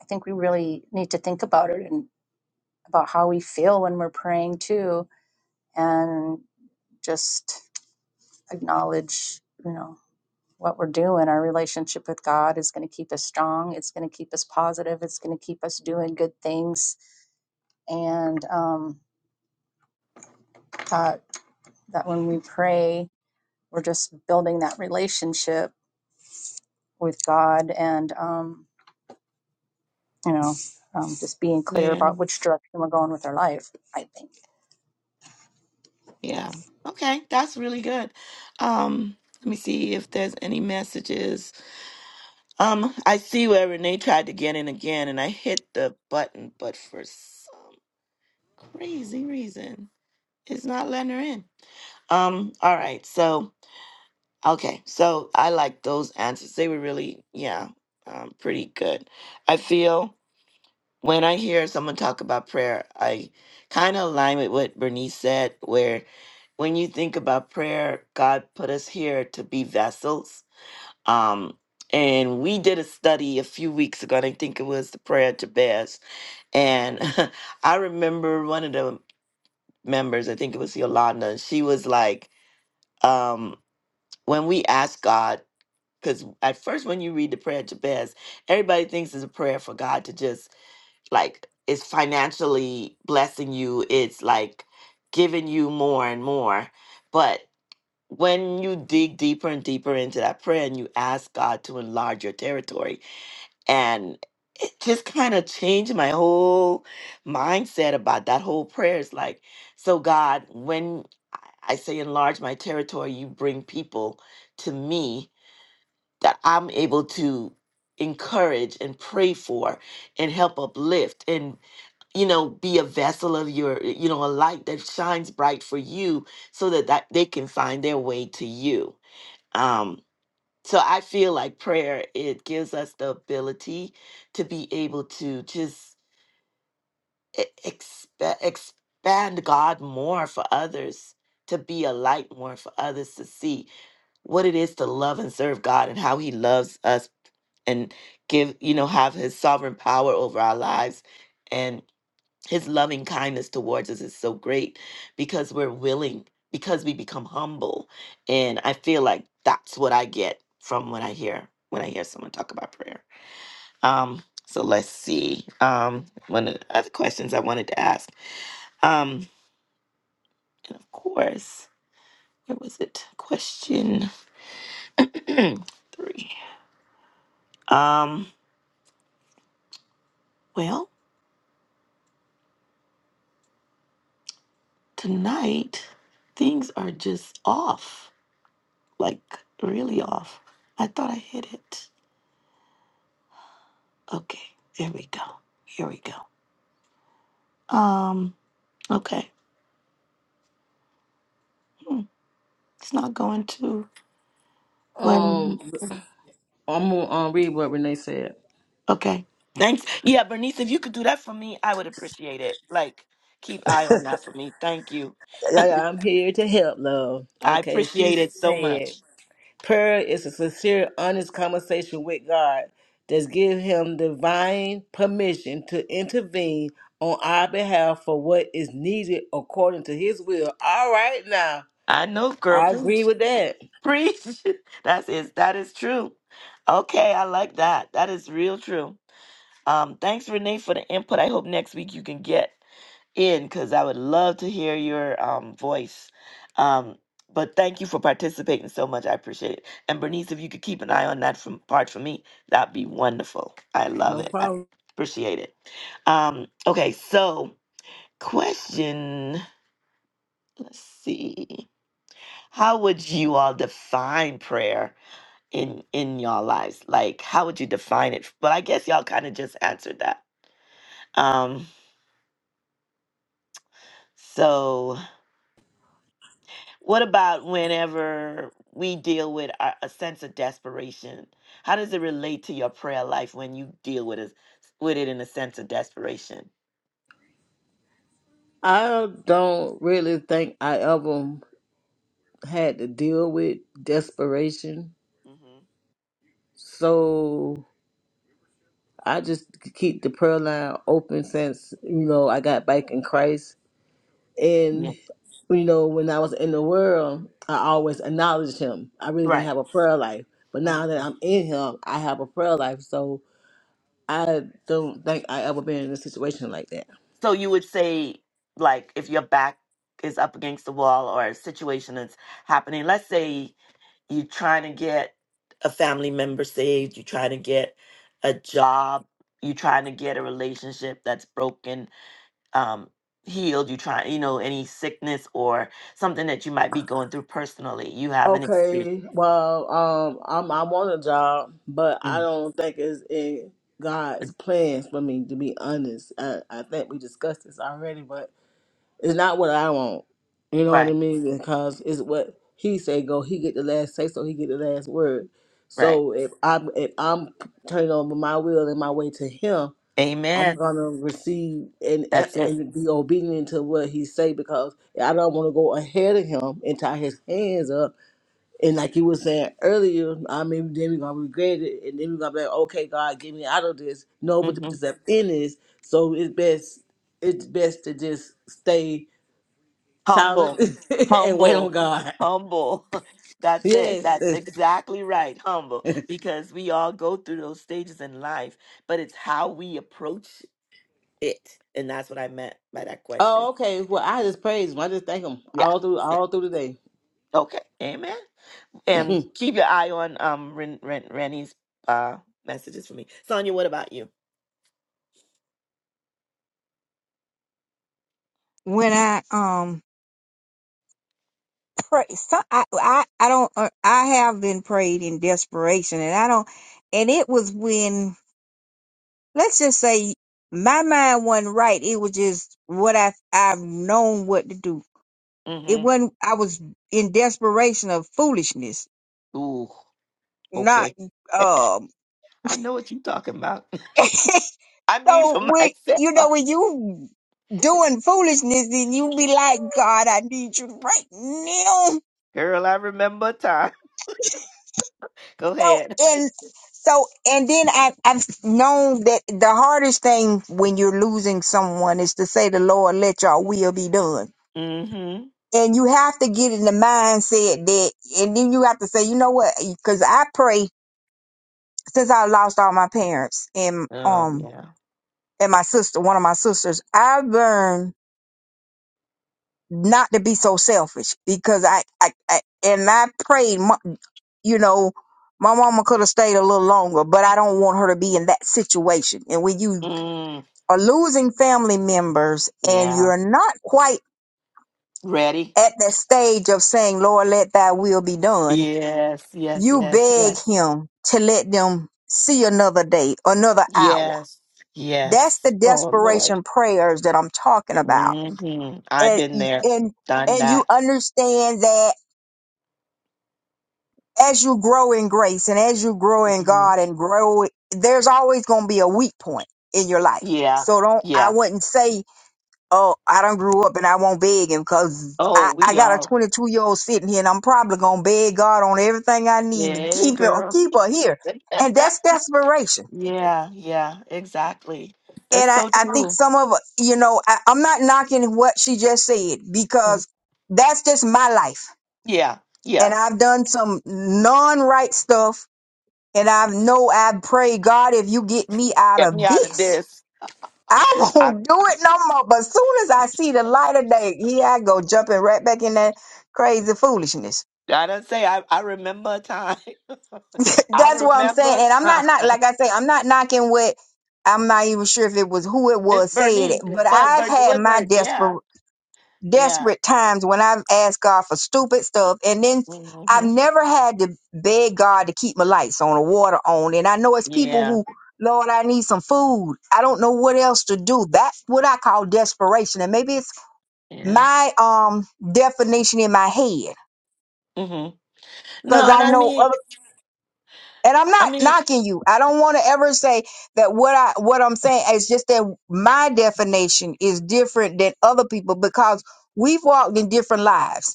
D: I think we really need to think about it and about how we feel when we're praying too, and just acknowledge, you know, what we're doing. Our relationship with God is going to keep us strong. It's going to keep us positive. It's going to keep us doing good things. And um, that that when we pray, we're just building that relationship with God and um, you know, um, just being clear about which direction we're going with our life, I think.
A: Yeah. Okay, that's really good. Um, let me see if there's any messages. Um, I see where Renee tried to get in again and I hit the button, but for some crazy reason, it's not letting her in. Um, all right, so okay, so I like those answers. They were really, yeah, um, pretty good. I feel. when I hear someone talk about prayer, I kind of align with what Bernice said, where when you think about prayer, God put us here to be vessels. Um, and we did a study a few weeks ago, and I think it was the prayer to Best. And I remember one of the members, I think it was Yolanda, and she was like, um, when we ask God, because at first when you read the prayer to Best, everybody thinks it's a prayer for God to just like is financially blessing you it's like giving you more and more but when you dig deeper and deeper into that prayer and you ask god to enlarge your territory and it just kind of changed my whole mindset about that whole prayer it's like so god when i I say enlarge my territory you bring people to me that i'm able to encourage and pray for and help uplift and you know be a vessel of your you know a light that shines bright for you so that, that they can find their way to you um so i feel like prayer it gives us the ability to be able to just e- expa- expand god more for others to be a light more for others to see what it is to love and serve god and how he loves us and give you know have his sovereign power over our lives his loving kindness towards us is so great because we're willing because we become humble and i feel like that's what i get from when i hear when i hear someone talk about prayer um so let's see um one of the other questions i wanted to ask um and of course where was it question three um well tonight things are just off like really off i thought i hit it Okay, there we go. Here we go. Um, okay. Hmm, It's not going to well
C: Um, I'm gonna um, read what Renee said.
A: okay. Thanks. Yeah, Bernice, if you could do that for me, I would appreciate it. Like keep eye on that for me. Thank you.
C: Yeah, yeah,
A: I
C: I'm here to help, love. Okay, she
A: appreciate it so
C: said.
A: much.
C: Prayer is a sincere, honest conversation with God that gives Him divine permission to intervene on our behalf for what is needed according to His will. All right, now
A: I know, girl.
C: I agree
A: Preach.
C: with that.
A: Preach. That's that is true. Okay, I like that. That is real true. Um, thanks, Renee, for the input. I hope next week you can get in because I would love to hear your um, voice. Um, but thank you for participating so much. I appreciate it. And Bernice, if you could keep an eye on that from, part for me, that'd be wonderful. I love
C: No
A: it. I
C: problem.
A: appreciate it. Um, okay, so question. Let's see. How would you all define prayer in in y'all lives? Like, how would you define it? But I guess y'all kind of just answered that. Um, so What about whenever we deal with a, a sense of desperation? How does it relate to your prayer life when you deal with it with it in a sense of desperation?
C: I don't really think I ever had to deal with desperation,
A: hmm
C: so I just keep the prayer line open since you know I got back in Christ And
A: Yeah.
C: you know, when I was in the world, I always acknowledged him. I really didn't
A: Right.
C: have a prayer life. But now that
A: Mhm.
C: I'm in him, I have a prayer life. So I don't think I ever been in a situation like that.
A: So you would say, like, if your back is up against the wall or a situation that's happening, let's say you're trying to get a family member saved, you're trying to get a job, you're trying to get a relationship that's broken, um, healed, you try, you know, any sickness or something that you might be going through personally. You have an experience.
C: Okay, well, um, I'm I want a job, but I
A: Mm,
C: don't think it's in
A: uh,
C: God's plans for me. To be honest, I, I think we discussed this already, but It's not what I want. You know what I
A: Right,
C: mean? Because it's what he say go. He get the last say, so he get the last word.
A: right.
C: So if I'm if I'm turning over my will and my way to him, I'm
A: Amen.
C: gonna receive and
A: That's it.
C: and be obedient to what he say because I don't want to go ahead of him and tie his hands up. And like you were saying earlier, I mean, then we're gonna regret it, and then we're gonna be like, okay, God, get me out of this. No, but to
A: hmm
C: put yourself in this, so it's best it's best to just stay. Solid
A: Humble,
C: and wait
A: humble,
C: on God.
A: humble. That's it.
C: Yes.
A: That's exactly right. Humble. Because we all go through those stages in life, but it's how we approach it. And that's what I meant by that question.
C: Oh, okay. Well, I just praise him. I just thank him
A: Yeah.
C: all through
A: Yeah.
C: all through the
A: Okay. Amen. And
C: day.
A: keep your eye on um Ren, Ren, Rennie's uh messages for me. Sonia, what about you?
B: When I um pray, so I I I don't uh, I have been prayed in desperation, and I don't. And it was when let's just say my mind wasn't right. It was just what I I've known what to do It
A: Mm-hmm.
B: wasn't. I was in desperation of foolishness,
A: Ooh,
B: not
A: okay.
B: um.
A: I know what you're talking about. I mean
B: so
A: for
B: when you
A: myself.
B: know when you doing foolishness, then you be like, God, I need you right now.
A: Girl, I remember a time. Go
B: So
A: ahead.
B: and so and then I I've known that the hardest thing when you're losing someone is to say, the Lord, let your will be done
A: Mm-hmm.
B: and you have to get in the mindset that, and then you have to say, you know what? Because I pray since I lost all my parents, and
A: Oh,
B: um,
A: yeah.
B: and my sister, one of my sisters, I learned not to be so selfish because I, I, I and I prayed, mo- you know, my mama could have stayed a little longer, but I don't want her to be in that situation. And when you
A: Mm,
B: are losing family members and
A: yeah.
B: you're not quite
A: Ready?
B: at that stage of saying, Lord, let thy will be done,
A: Yes, yes,
B: you
A: yes,
B: beg
A: yes.
B: him to let them see another day, another hour.
A: Yes,
B: That's
A: yes.
B: the
A: Oh, Lord.
B: desperation prayers that I'm talking about
A: hmm I've
B: and
A: been there,
B: and
A: done
B: and you
A: that.
B: understand that as you grow in grace and as you grow in
A: Mhm.
B: God and grow, there's always going to be a weak point in your life.
A: Yeah.
B: So don't I
A: Yeah.
B: wouldn't say, oh, I don't grew up and I won't beg him because
A: Oh,
B: I, I
A: we
B: got a
A: all.
B: 22 year old sitting here and I'm probably gonna beg God on everything I need to
A: Yeah,
B: keep it
A: girl.
B: keep her here, and that's desperation.
A: Yeah, yeah, exactly. That's
B: And I,
A: so
B: I think
A: true.
B: some of you know I, I'm not knocking what she just said
A: Mm.
B: because that's just my life
A: Yeah.
B: and
A: Yeah.
B: I've done some non-right stuff and i know I pray God if you get me out
A: Get
B: of
A: me out of
B: this.
A: this.
B: I
A: I
B: won't do it no more. But soon as I see the light of day, here I go jumping right back in that crazy foolishness.
A: I don't say I, I remember a time. I
B: That's what I'm
A: remember
B: saying.
A: a
B: And I'm
A: time.
B: not not like I say, I'm not knocking what I'm not even sure if it was who it
A: It
B: was said
A: Bernice,
B: it, but
A: but
B: I've
A: but
B: had my
A: Woodward, yeah,
B: desperate.
A: yeah,
B: desperate times when I've asked God for stupid stuff, and then I've
A: hmm
B: never had to beg God to keep my lights on or water on. And I know it's people
A: yeah,
B: who, Lord, I need some food. I don't know what else to do. That's what I call desperation, and maybe it's
A: yeah.
B: my um definition in my head
A: hmm No,
B: because
A: and
B: I
A: I
C: no.
B: know
A: mean,
B: other. And I'm
A: I
B: not
A: mean,
B: knocking you. I don't want to ever say that what I what I'm saying is just that my definition is different than other people because we've walked in different lives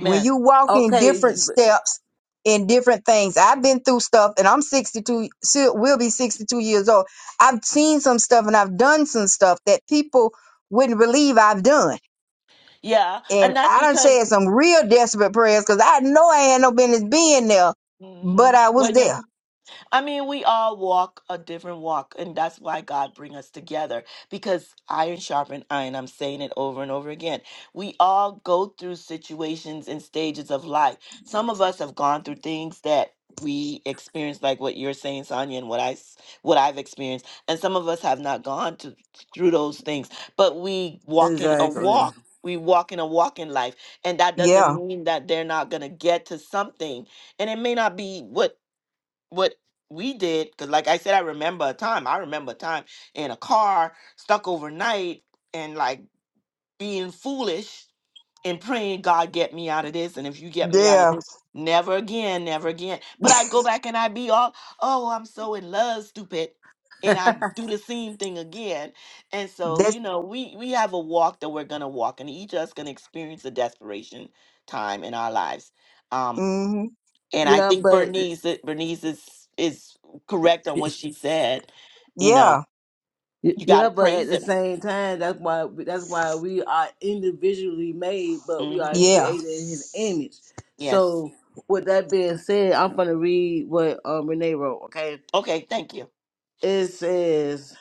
B: when you walk in
C: Okay.
B: different steps in different things i've been through stuff and i'm 62 si- will be 62 years old i've seen some stuff and i've done some stuff that people wouldn't believe i've done
A: Yeah,
B: and
A: and that's
B: i done said
A: because
B: some real desperate prayers because i know i had no business being there but
A: mhm,
B: i was
A: when you're
B: there
A: I mean, we all walk a different walk, and that's why God bring us together because iron sharpen iron. I'm saying it over and over again. We all go through situations and stages of life. Some of us have gone through things that we experienced, like what you're saying, Sonia, and what I s- what I've experienced, and some of us have not gone to, through those things. But we walk in a Exactly.
C: Exactly.
A: walk. We walk in a walk in life, and that doesn't
B: yeah
A: mean that they're not gonna get to something and it may not be what what we did because like i said i remember a time i remember a time in a car stuck overnight and like being foolish and praying god get me out of this and if you get me out of
B: there
A: this never again never again but i go back and i be all oh i'm so in love stupid and i do the same thing again and so
B: that's
A: you know we we have a walk that we're gonna walk and each of us gonna experience a desperation time in our lives Um,
B: hmm
A: and I
C: yeah,
A: think
C: but
A: Bernice Bernice is is correct on what she said. You know,
B: yeah
A: you got to
C: yeah, but at
A: praise
C: the
A: him.
C: same time, that's why that's why we are individually made, but we are
A: hmm
B: yeah
C: created in His image.
A: Yes.
C: So, with that being said, I'm gonna read what um, Renee wrote. Okay,
A: Okay. Thank you.
C: it says.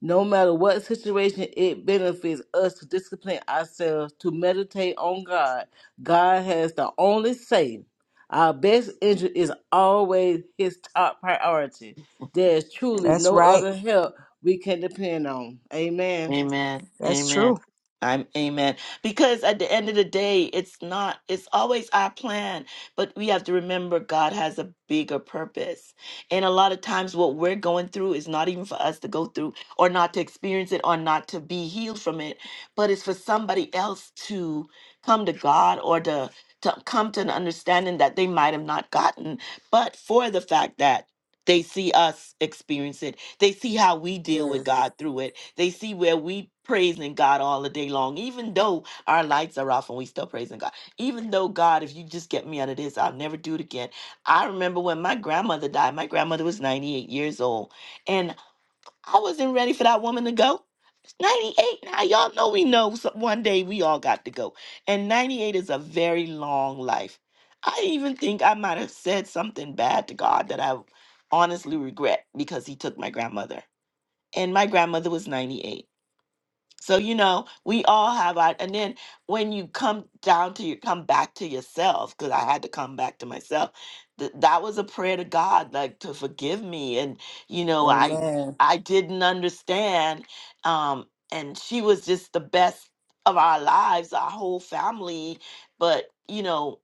C: No matter what situation, it benefits us to discipline ourselves to meditate on God. God has the only say. Our best interest is always His top priority. There is truly
B: that's
C: no
B: right
C: other help we can depend on. Amen.
A: Amen.
B: that's true
A: Amen. I'm amen. Because at the end of the day, it's not, it's always our plan, but we have to remember God has a bigger purpose. And a lot of times, what we're going through is not even for us to go through or not to experience it or not to be healed from it, but it's for somebody else to come to God or to. To come to an understanding that they might have not gotten, but for the fact that they see us experience it. They see how we deal with
C: Yes.
A: God through it. They see where we praising God all the day long, even though our lights are off and we still praising God. Even though God, if you just get me out of this, I'll never do it again. I remember when my grandmother died. My grandmother was 98 years old, and I wasn't ready for that woman to go. 98 now y'all know we know so- one day we all got to go and 98 is a very long life i even think i might have said something bad to god that i honestly regret because he took my grandmother and my grandmother was 98 so you know, we all have our and then when you come down to you come back to yourself, because I had to come back to myself. Th- that was a prayer to God, like to forgive me. And you know, I
C: Amen.
A: I didn't understand. Um, and she was just the best of our lives, our whole family. But you know,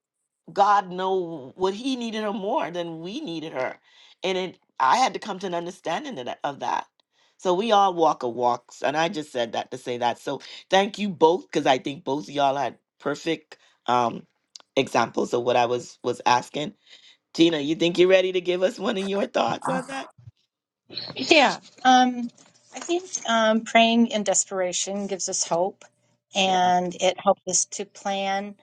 A: God know what he needed her more than we needed her. And it I had to come to an understanding of that. of that. So we all walk a walk. And I just said that to say that. So thank you both, because I think both of y'all had perfect um examples of what I was was asking. Tina, you think you're ready to give us one of your thoughts on
C: Ah,
A: that?
D: Yeah. Um, I think um, praying in desperation gives us hope
A: Yeah.
D: and it helps us to plan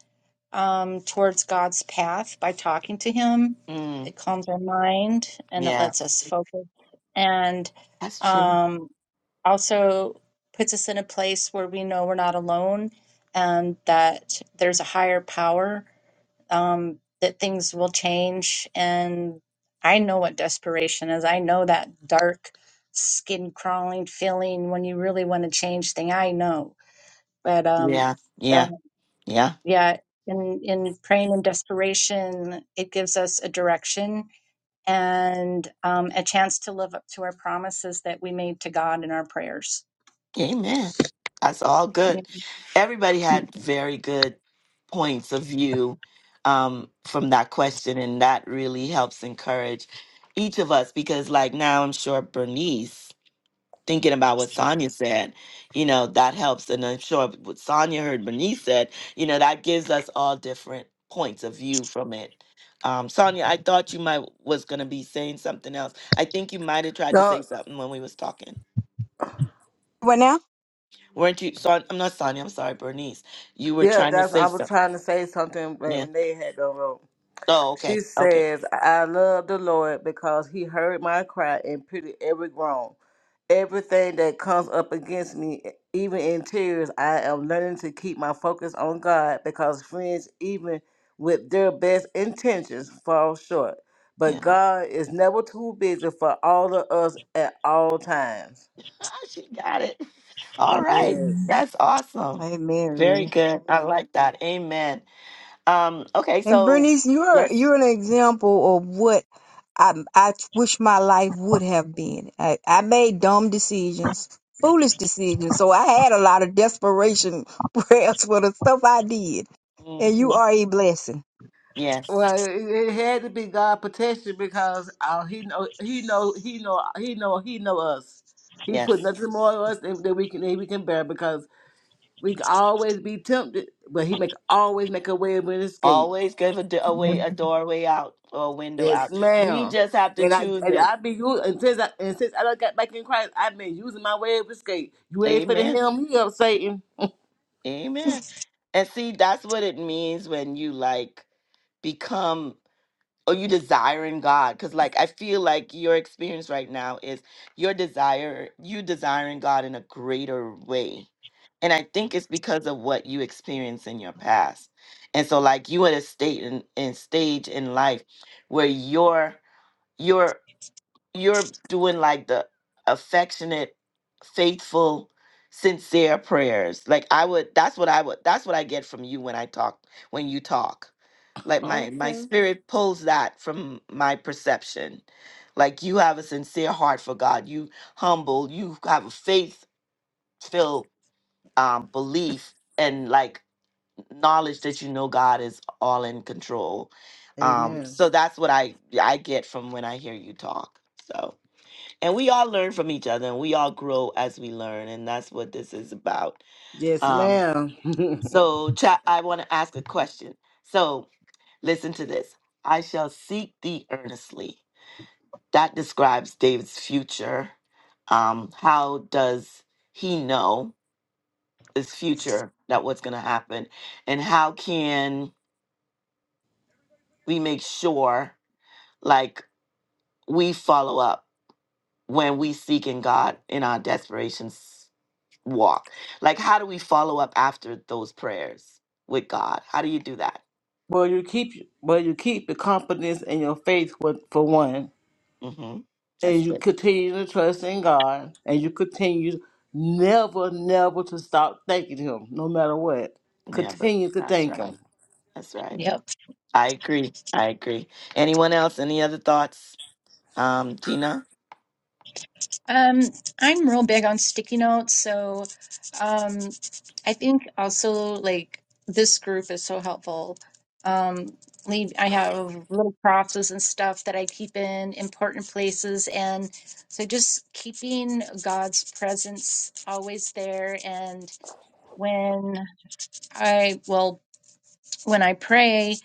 D: um, towards God's path by talking to Him.
A: Mm,
D: It calms our mind and it lets
A: yes.
D: us focus and
A: That's true.
D: um, also puts us in a place where we know we're not alone and that there's a higher power um, that things will change. And I know what desperation is. I know that dark skin crawling feeling when you really want to change thing. I know, but um,
A: Yeah.
D: uh,
A: Yeah. Yeah.
D: yeah, in in praying and desperation, it gives us a direction and um, a chance to live up to our promises that we made to God in our prayers.
A: Amen. That's all
D: Yeah.
A: good. Everybody had very good points of view um, from that question, and that really helps encourage each of us because, like, now I'm sure Bernice, thinking about what Sonia said, you know, that helps. And I'm sure what Sonia heard Bernice said, you know, that gives us all different points of view from it. Um, Sonia, I thought you might was gonna be saying something else. I think you might have tried to
C: No,
A: say something when we was talking.
B: what now
A: Weren't you? So I'm not Sonia. I'm sorry, Bernice. You were
C: yeah,
A: trying to
C: that's. I
A: say
C: was
A: something.
C: trying to say something, but
A: Yeah.
C: when they had the road.
A: Oh,
C: She
A: okay. Okay.
C: says, I love the Lord because he heard my cry and pitied every groan. Everything that comes up against me, e, even in tears, I am learning to keep my focus on God because friends, even with their best intentions, fall short. But
A: Yeah.
C: God is never too busy for all of us at all times.
A: she got it. All right.
C: Yes.
A: That's awesome.
B: amen
A: Very
B: Renee.
A: good. I like that. Amen. Um. Okay.
B: and
A: So
B: bernice you're
A: let's.
B: you're an example of what I, I wish my life would have been. I, I made dumb decisions, foolish decisions. So I had a lot of desperation prayers for the stuff I did. And you
A: mhm.
B: are a blessing.
A: Yes.
C: Well, it, it had to be God protection because uh, he know he know he know he know he know us. He put
A: Yes.
C: nothing more on us than, than we can than we can bear because we can always be tempted, but he make always make a way of an escape.
A: Always give a, do- a way
D: Mhm.
A: a doorway out or a window
C: Yes,
A: out. We
C: ma'am.
A: just have to
C: And I
A: choose
C: and
A: it.
C: I be using and since I and since I done got back in Christ, I've been using my way of escape. You ain't finna
A: Amen.
C: him here, Satan.
A: Amen. And see, that's what it means when you like become or you desiring God? Because like I feel like your experience right now is your desire, you desiring God in a greater way. And I think it's because of what you experienced in your past. And so like you at a state in, in stage in life where your your you're doing like the affectionate, faithful, sincere prayers. Like I would that's what I would that's what I get from you when I talk when you talk. Like my my
C: Okay.
A: spirit pulls that from my perception. Like you have a sincere heart for God. You humble, you have a faith filled um belief and like knowledge that you know God is all in control. Um
C: Amen.
A: so that's what I I get from when I hear you talk. So and we all learn from each other and we all grow as we learn and that's what this is about
C: Yes,
A: um
C: ma'am.
A: so chat i want to ask a question so listen to this i shall seek thee earnestly that describes david's future um how does he know his future that what's going to happen and how can we make sure like we follow up when we seek in god in our desperation? walk. Like, how do we follow up after those prayers with God? How do you do that?
C: well, you keep well you keep the confidence in your faith for, for one.
A: hmm
C: and
A: That's
C: you
A: it.
C: continue to trust in God, and you continue never, never to stop thanking Him, no matter what.
A: Never.
C: Continue to
A: That's
C: thank Him.
A: right. That's right.
D: Yep.
A: I agree. I agree. Anyone else? Any other thoughts? Um, Gina?
D: Um, I'm real big on sticky notes, so um, I think also like this group is so helpful. Um, leave, I have little crosses and stuff that I keep in important places, and so just keeping God's presence always there. And when I well, when I pray,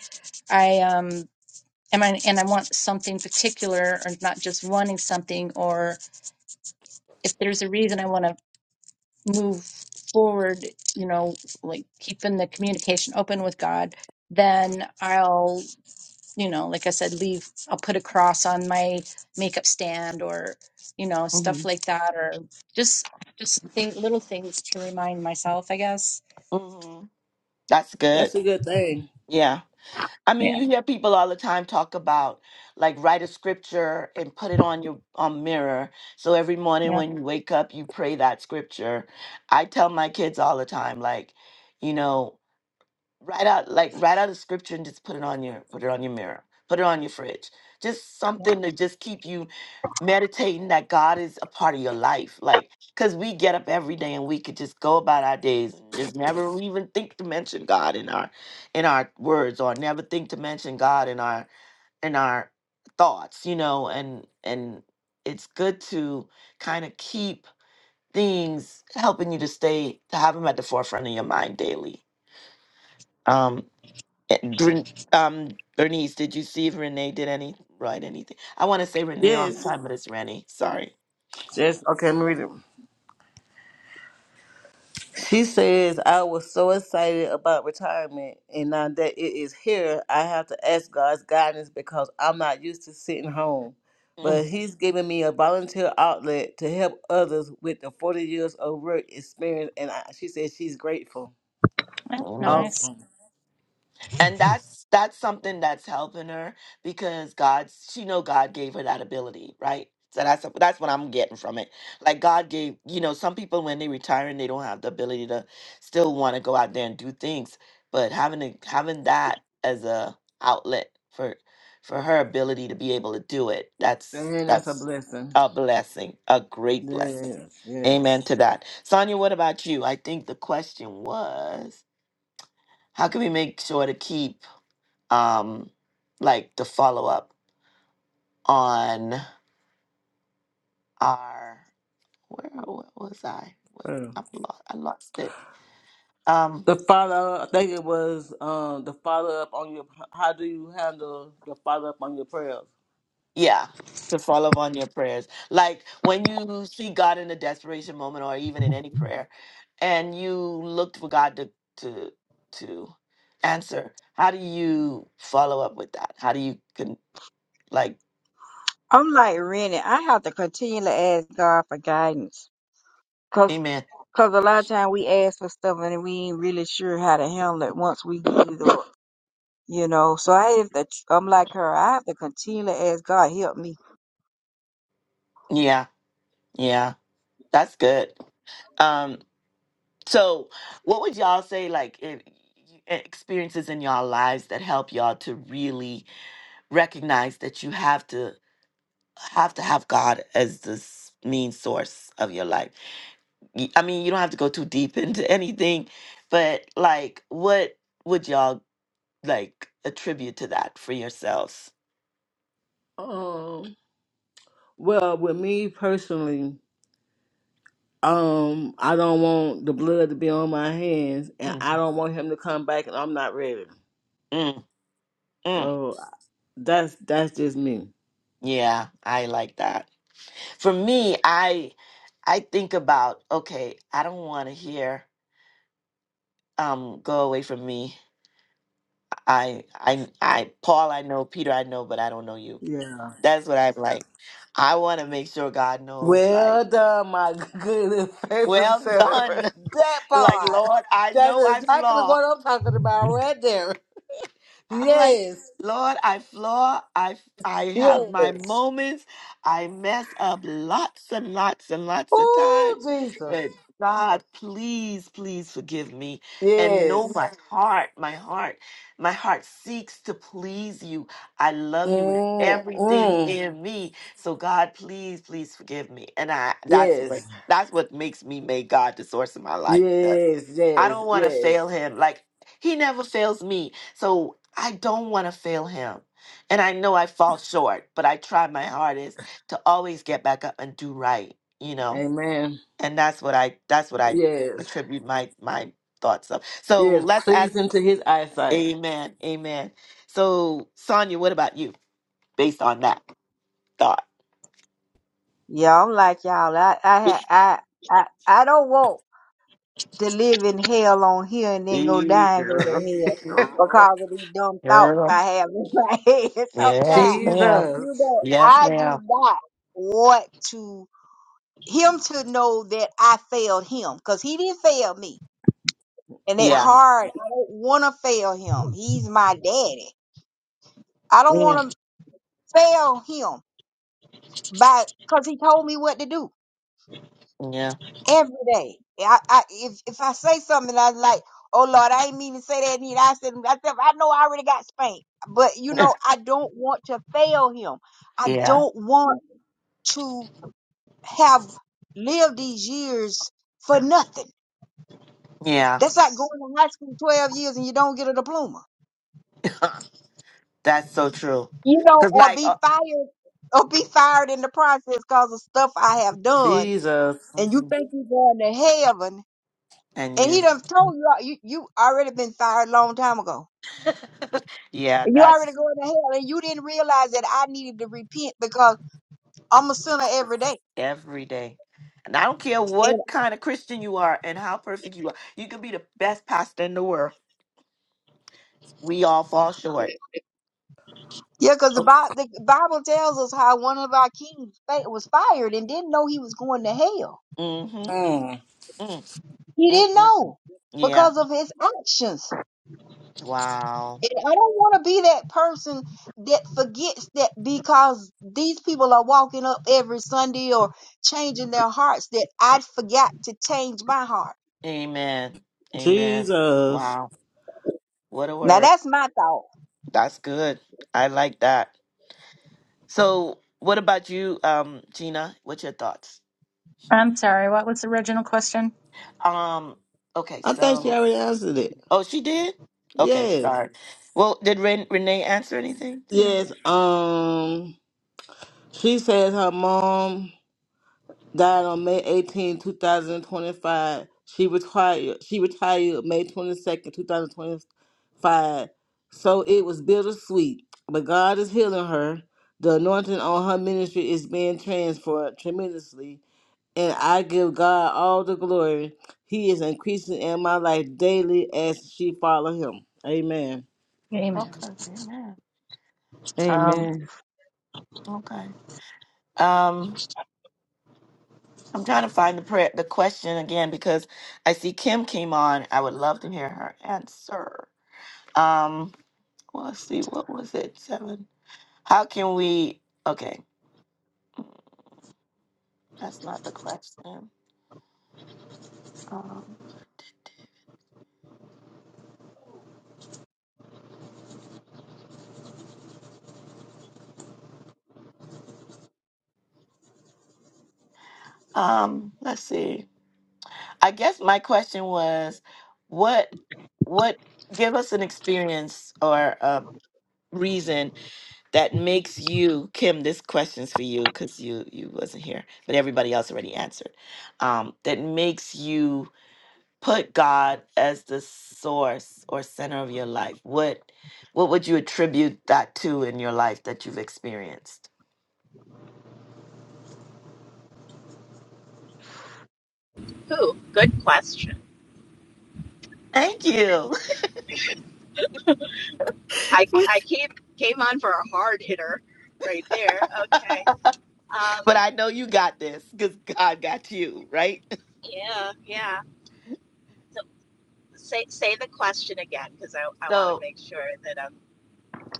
D: I um. And I, and I want something particular or not just wanting something or if there's a reason I want to move forward, you know, like keeping the communication open with God, then I'll, you know, like I said, leave, I'll put a cross on my makeup stand or, you know,
A: hmm
D: stuff like that, or just, just think little things to remind myself, I guess.
A: hmm That's good.
C: That's a good thing.
A: Yeah. I mean,
D: Yeah.
A: you hear people all the time talk about like write a scripture and put it on your um, mirror. So every morning
D: Yeah.
A: when you wake up, you pray that scripture. I tell my kids all the time, like, you know. Write out like write out a scripture and just put it on your put it on your mirror, put it on your fridge. Just something to just keep you meditating that God is a part of your life. Like cuz we get up every day and we could just go about our days and just never even think to mention God in our in our words or never think to mention God in our in our thoughts, you know, and and it's good to kind of keep things helping you to stay to have them at the forefront of your mind daily. Um, Eh, Dren- Um, Bernice, did you see if Renee did any write anything? I want to say Renee all the
C: Yes.
A: time, but it's Rennie. Sorry.
C: Yes. Okay, let me read it. She says, I was so excited about retirement, and now that it is here, I have to ask God's guidance because I'm not used to sitting home.
A: Mm,
C: But He's giving me a volunteer outlet to help others with the 40 years of work experience, and I, she says she's grateful.
D: That's
A: Amen.
D: nice.
C: Awesome.
A: and that's that's something that's helping her because God's she know God gave her that ability, right? So that's that's what I'm getting from it. Like God gave, you know, some people when they retire and they don't have the ability to still want to go out there and do things, but having a, having that as a outlet for for her ability to be able to do it, that's
C: Man, that's a
A: that's
C: blessing.
A: a blessing, a great blessing.
C: Yes, yes.
A: Amen to that. Sonia, what about you? I think the question was, how can we make sure to keep um, like the follow up on our where, where was I? Wait,
C: Yeah.
A: I'm lost. I lost it. Um,
C: The follow, I think it was um, the follow up on your. How do you handle the follow up on your prayers?
A: yeah, to follow up on your prayers. Like when you see God in a desperation moment, or even in any prayer, and you looked for God to to to answer. How do you follow up with that? How do you can like,
B: I'm like Rennie. I have to continually ask God for guidance. Cause,
A: Amen?
B: 'cause a lot of time we ask for stuff and we ain't really sure how to handle it once we get it or, you know. So I have to, I'm like her. I have to continually ask God, help me.
A: Yeah, yeah, that's good. Um. So, what would y'all say like in, experiences in y'all lives that help y'all to really recognize that you have to have to have God as the s- main source of your life? Y- I mean, you don't have to go too deep into anything, but like what would y'all like attribute to that for yourselves?
C: Um, well, with me personally, um, I don't want the blood to be on my hands, and
A: Mm,
C: I don't want him to come back, and I'm not ready.
A: mm, mm.
C: So that's that's just me.
A: Yeah, I like that. For me, I I think about, okay, I don't want to hear um go away from me I I I Paul I know, Peter I know, but I don't know you.
C: Yeah.
A: That's what I'm like. I want to make sure God knows
C: Well
A: like,
C: done, my good and favorite
A: well
C: sir.
A: done.
C: That
A: like
C: part.
A: Lord, I
C: That's
A: know I
C: exactly
A: flaw.
C: what I'm talking about right there.
A: I'm like,
C: Yes.
A: Lord, I flaw. I I have my
C: Yes.
A: moments. I mess up lots and lots and lots of
C: Oh,
A: times.
C: Jesus.
A: But God, please, please forgive me and know
C: Yes.
A: my heart. My heart, my heart seeks to please you. I love you with
C: Mm,
A: everything
C: mm.
A: in me. So God, please, please forgive me. And I that's what
C: Yes.
A: that's what makes me make God the source of my life because
C: Yes.
A: I
C: Yes.
A: don't want to
C: Yes.
A: fail him. Like he never fails me. So I don't want to fail him. And I know I fall short, but I try my hardest to always get back up and do right, you know?
C: Amen.
A: And that's what I that's what I
C: Yes.
A: attribute my my thoughts of. So
C: Yes.
A: let's ask
C: Pleasing to his eyesight.
A: Amen. Amen. So Sonia, what about you based on that thought?
B: Yeah, I'm like y'all. I, I, ha- I, I, I don't want. to live in hell on here and then go
A: Ee,
B: die and go to
A: Girl,
B: hell
A: girl,
B: because of these dumb thoughts
A: girl.
B: I have in my head
A: Yes,
B: sometimes.
A: ma'am.
C: Jesus.
B: You know,
A: Yes,
B: I do
A: ma'am.
B: not want to him to know that I failed him because he didn't fail me. And that
A: Yeah.
B: hard, I don't want to fail him. He's my daddy. I don't
A: Mm,
B: want to fail him by because he told me what to do.
A: Yeah.
B: every day. Yeah, I, I if if I say something, and I was like, oh Lord, I ain't mean to say that. Need I said, I said, I know I already got spanked, but you know, I don't want to fail him. I
A: Yeah.
B: don't want to have lived these years for nothing.
A: Yeah.
B: That's like going to high school twelve years and you don't get a diploma,
A: That's so true.
B: you know,
A: Cause
B: or
A: like,
B: be
A: uh,
B: fired, or be fired in the process because of stuff I have done.
C: Jesus.
B: And you
A: Mhm.
B: think you're going to heaven
A: and
B: And he
A: you,
B: done told you uh, you you already been fired a long time ago.
A: yeah,
B: And you already
A: that's
B: going to hell, and you didn't realize that I needed to repent because I'm a sinner every day.
A: every day. And I don't care
B: And
A: what kind of Christian you are and how perfect you are. You can be the best pastor in the world. We all fall short.
B: yeah, because the, Bi- the Bible tells us how one of our kings fa- was fired and didn't know he was going to hell.
A: Mm-hmm.
C: Mm.
A: Mm, mm,
B: He
A: mm,
B: didn't
A: mm.
B: know
A: Yeah.
B: because of his actions.
A: Wow.
B: And I don't want to be that person that forgets that because these people are walking up every Sunday or changing their hearts that I forgot to change my heart.
A: Amen. Amen.
C: Jesus.
A: Wow. What a
B: Now
A: word.
B: that's my thought.
A: That's good. I like that. So, what about you, um, Gina? What's your thoughts?
D: I'm sorry. What was the original question?
A: Um. Okay.
C: I think she
A: So.
C: already answered it.
A: Oh, she did? Okay,
C: Yes.
A: sorry. Well, did Ren- Renee answer anything? Did Renee?
C: Yes, um, she says her mom died on May 18, 2025. She retired. She retired May 22nd, 2025. So it was bittersweet, but God is healing her. The anointing on her ministry is being transferred tremendously, and I give God all the glory. He is increasing in my life daily as she follow Him. Amen.
D: Amen.
A: Okay, amen. Um,
B: Amen.
A: okay. Um, I'm trying to find the prayer, the question again because I see Kim came on. I would love to hear her answer. Um, well, let's see, what was it? Seven. How can we? Okay, that's not the question. Um, um, let's see. I guess my question was, what, what give us an experience or a reason that makes you kim this question's for you because you you wasn't here but everybody else already answered um that makes you put god as the source or center of your life what what would you attribute that to in your life that you've experienced
E: Who? Good question.
A: thank you
E: I I came came on for a hard hitter right there. Okay. Um.
A: but i know you got this because god got you right
E: Yeah. Yeah. So say say the question again because I I want to
A: so
E: make sure that I'm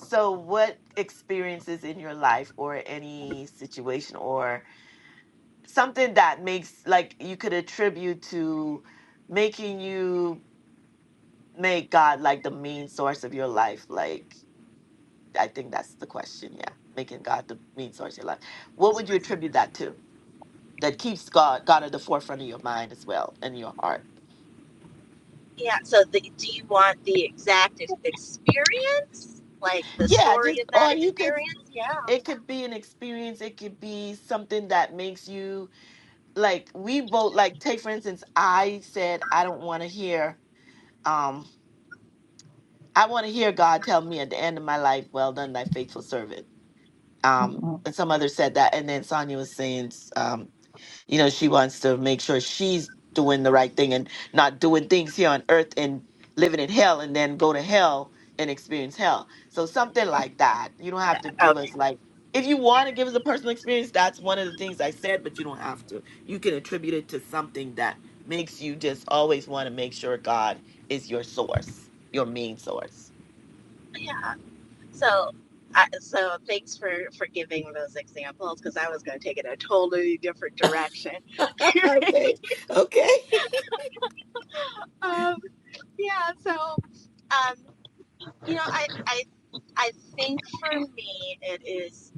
A: so what experiences in your life or any situation or something that makes like you could attribute to making you make God like the main source of your life. Like I think that's the question. Yeah, making God the main source of your life. What would you
E: sourcing. my
A: attribute
E: mind.
A: that to? That keeps God God at the forefront of your mind as well and your heart.
E: Yeah. So the, do you want the exact ex- experience, like the
A: Yeah,
E: story
A: just
E: of that
A: or you could.
E: experience? Yeah.
A: It could be an experience. It could be something that makes you like we both Like take for instance, I said I don't want to hear. Um, I want to hear God tell me at the end of my life, "Well done, thy faithful servant." Um,
D: Mhm.
A: and some others said that, and then Sonia was saying, um, you know, she wants to make sure she's doing the right thing and not doing things here on earth and living in hell, and then go to hell and experience hell. So something like that. You don't have to give
E: Okay.
A: us like. If you want to give us a personal experience, that's one of the things I said, but you don't have to. You can attribute it to something that makes you just always want to make sure God is your source, your main source.
E: Yeah. So. I, so thanks for for giving those examples because I was going to take it a totally different direction.
A: okay. Okay.
E: um, yeah so um you know i i i think for me it is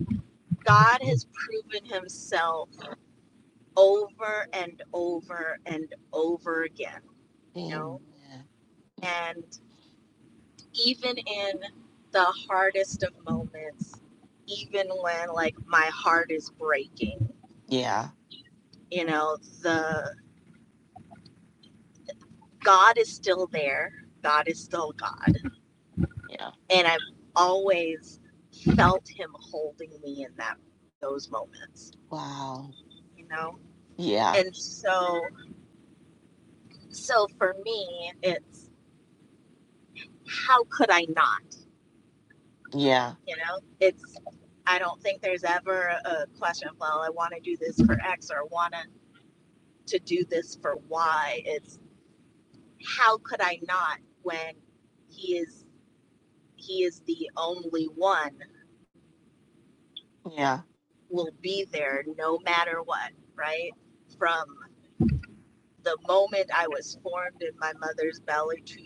E: god has proven himself over and over and over again you
A: Amen.
E: know and even in the hardest of moments even when like my heart is breaking
A: Yeah.
E: you know the god is still there god is still god
A: Yeah.
E: and I've always felt him holding me in that those moments,
A: Wow.
E: you know.
A: Yeah.
E: And so, so for me, it's how could I not?
A: Yeah.
E: You know, it's I don't think there's ever a question. of, Well, I want to do this for X or want to do this for Y. It's how could I not when he is he is the only one
A: Yeah.
E: will be there no matter what, right? From the moment I was formed in my mother's belly to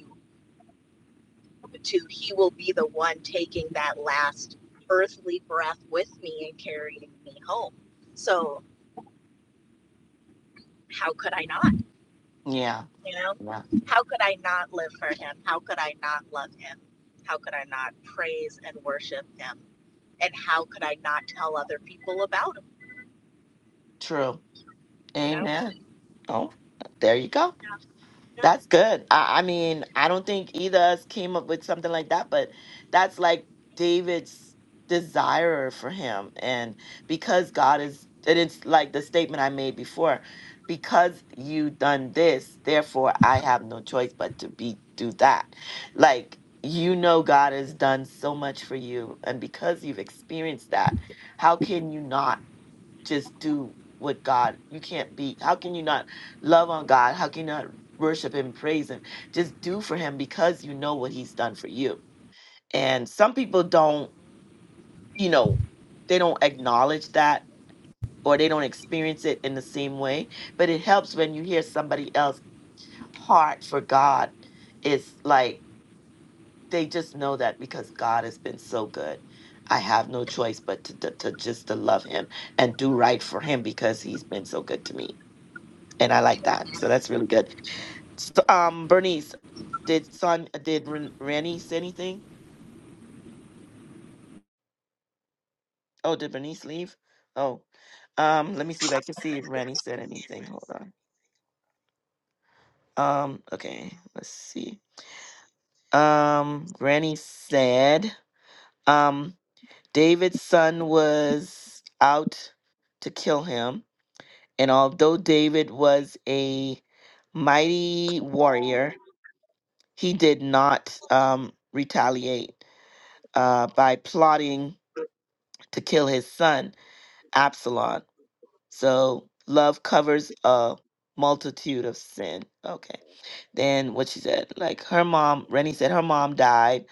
E: to he will be the one taking that last earthly breath with me and carrying me home. So how could I not?
A: Yeah.
E: You know,
A: Yeah.
E: how could I not live for him? How could I not love him? How could I not praise and worship him? And how could I not tell other people about him?
A: True.
E: You know?
A: Amen. Oh, there you go.
E: Yeah. yeah.
A: That's good. I, I mean, I don't think either of us came up with something like that, but that's like David's desire for him. And because God is, and it's like the statement I made before, because you done this, therefore I have no choice but to be do that. Like you know God has done so much for you. And because you've experienced that, how can you not? just do what God. You can't be. How can you not love on God? How can you not worship Him, praise Him? Just do for Him because you know what He's done for you. And some people don't. You know, they don't acknowledge that or they don't experience it in the same way. But it helps when you hear somebody else heart for God. It's like they just know that because God has been so good. I have no choice but to, to, to just to love him and do right for him because he's been so good to me and I like that. So that's really good. S- um, Bernice, did Son uh, did Ren- Rennie say anything? Oh, did Bernice leave? Oh, um, let me see if I can see if Rennie said anything. Hold on. Um, okay, let's see. Um, Rennie said, um, David's son was out to kill him, and although David was a mighty warrior, he did not um retaliate uh by plotting to kill his son Absalom. So love covers a multitude of sin. Okay. Then what she said, like her mom, Rennie said her mom died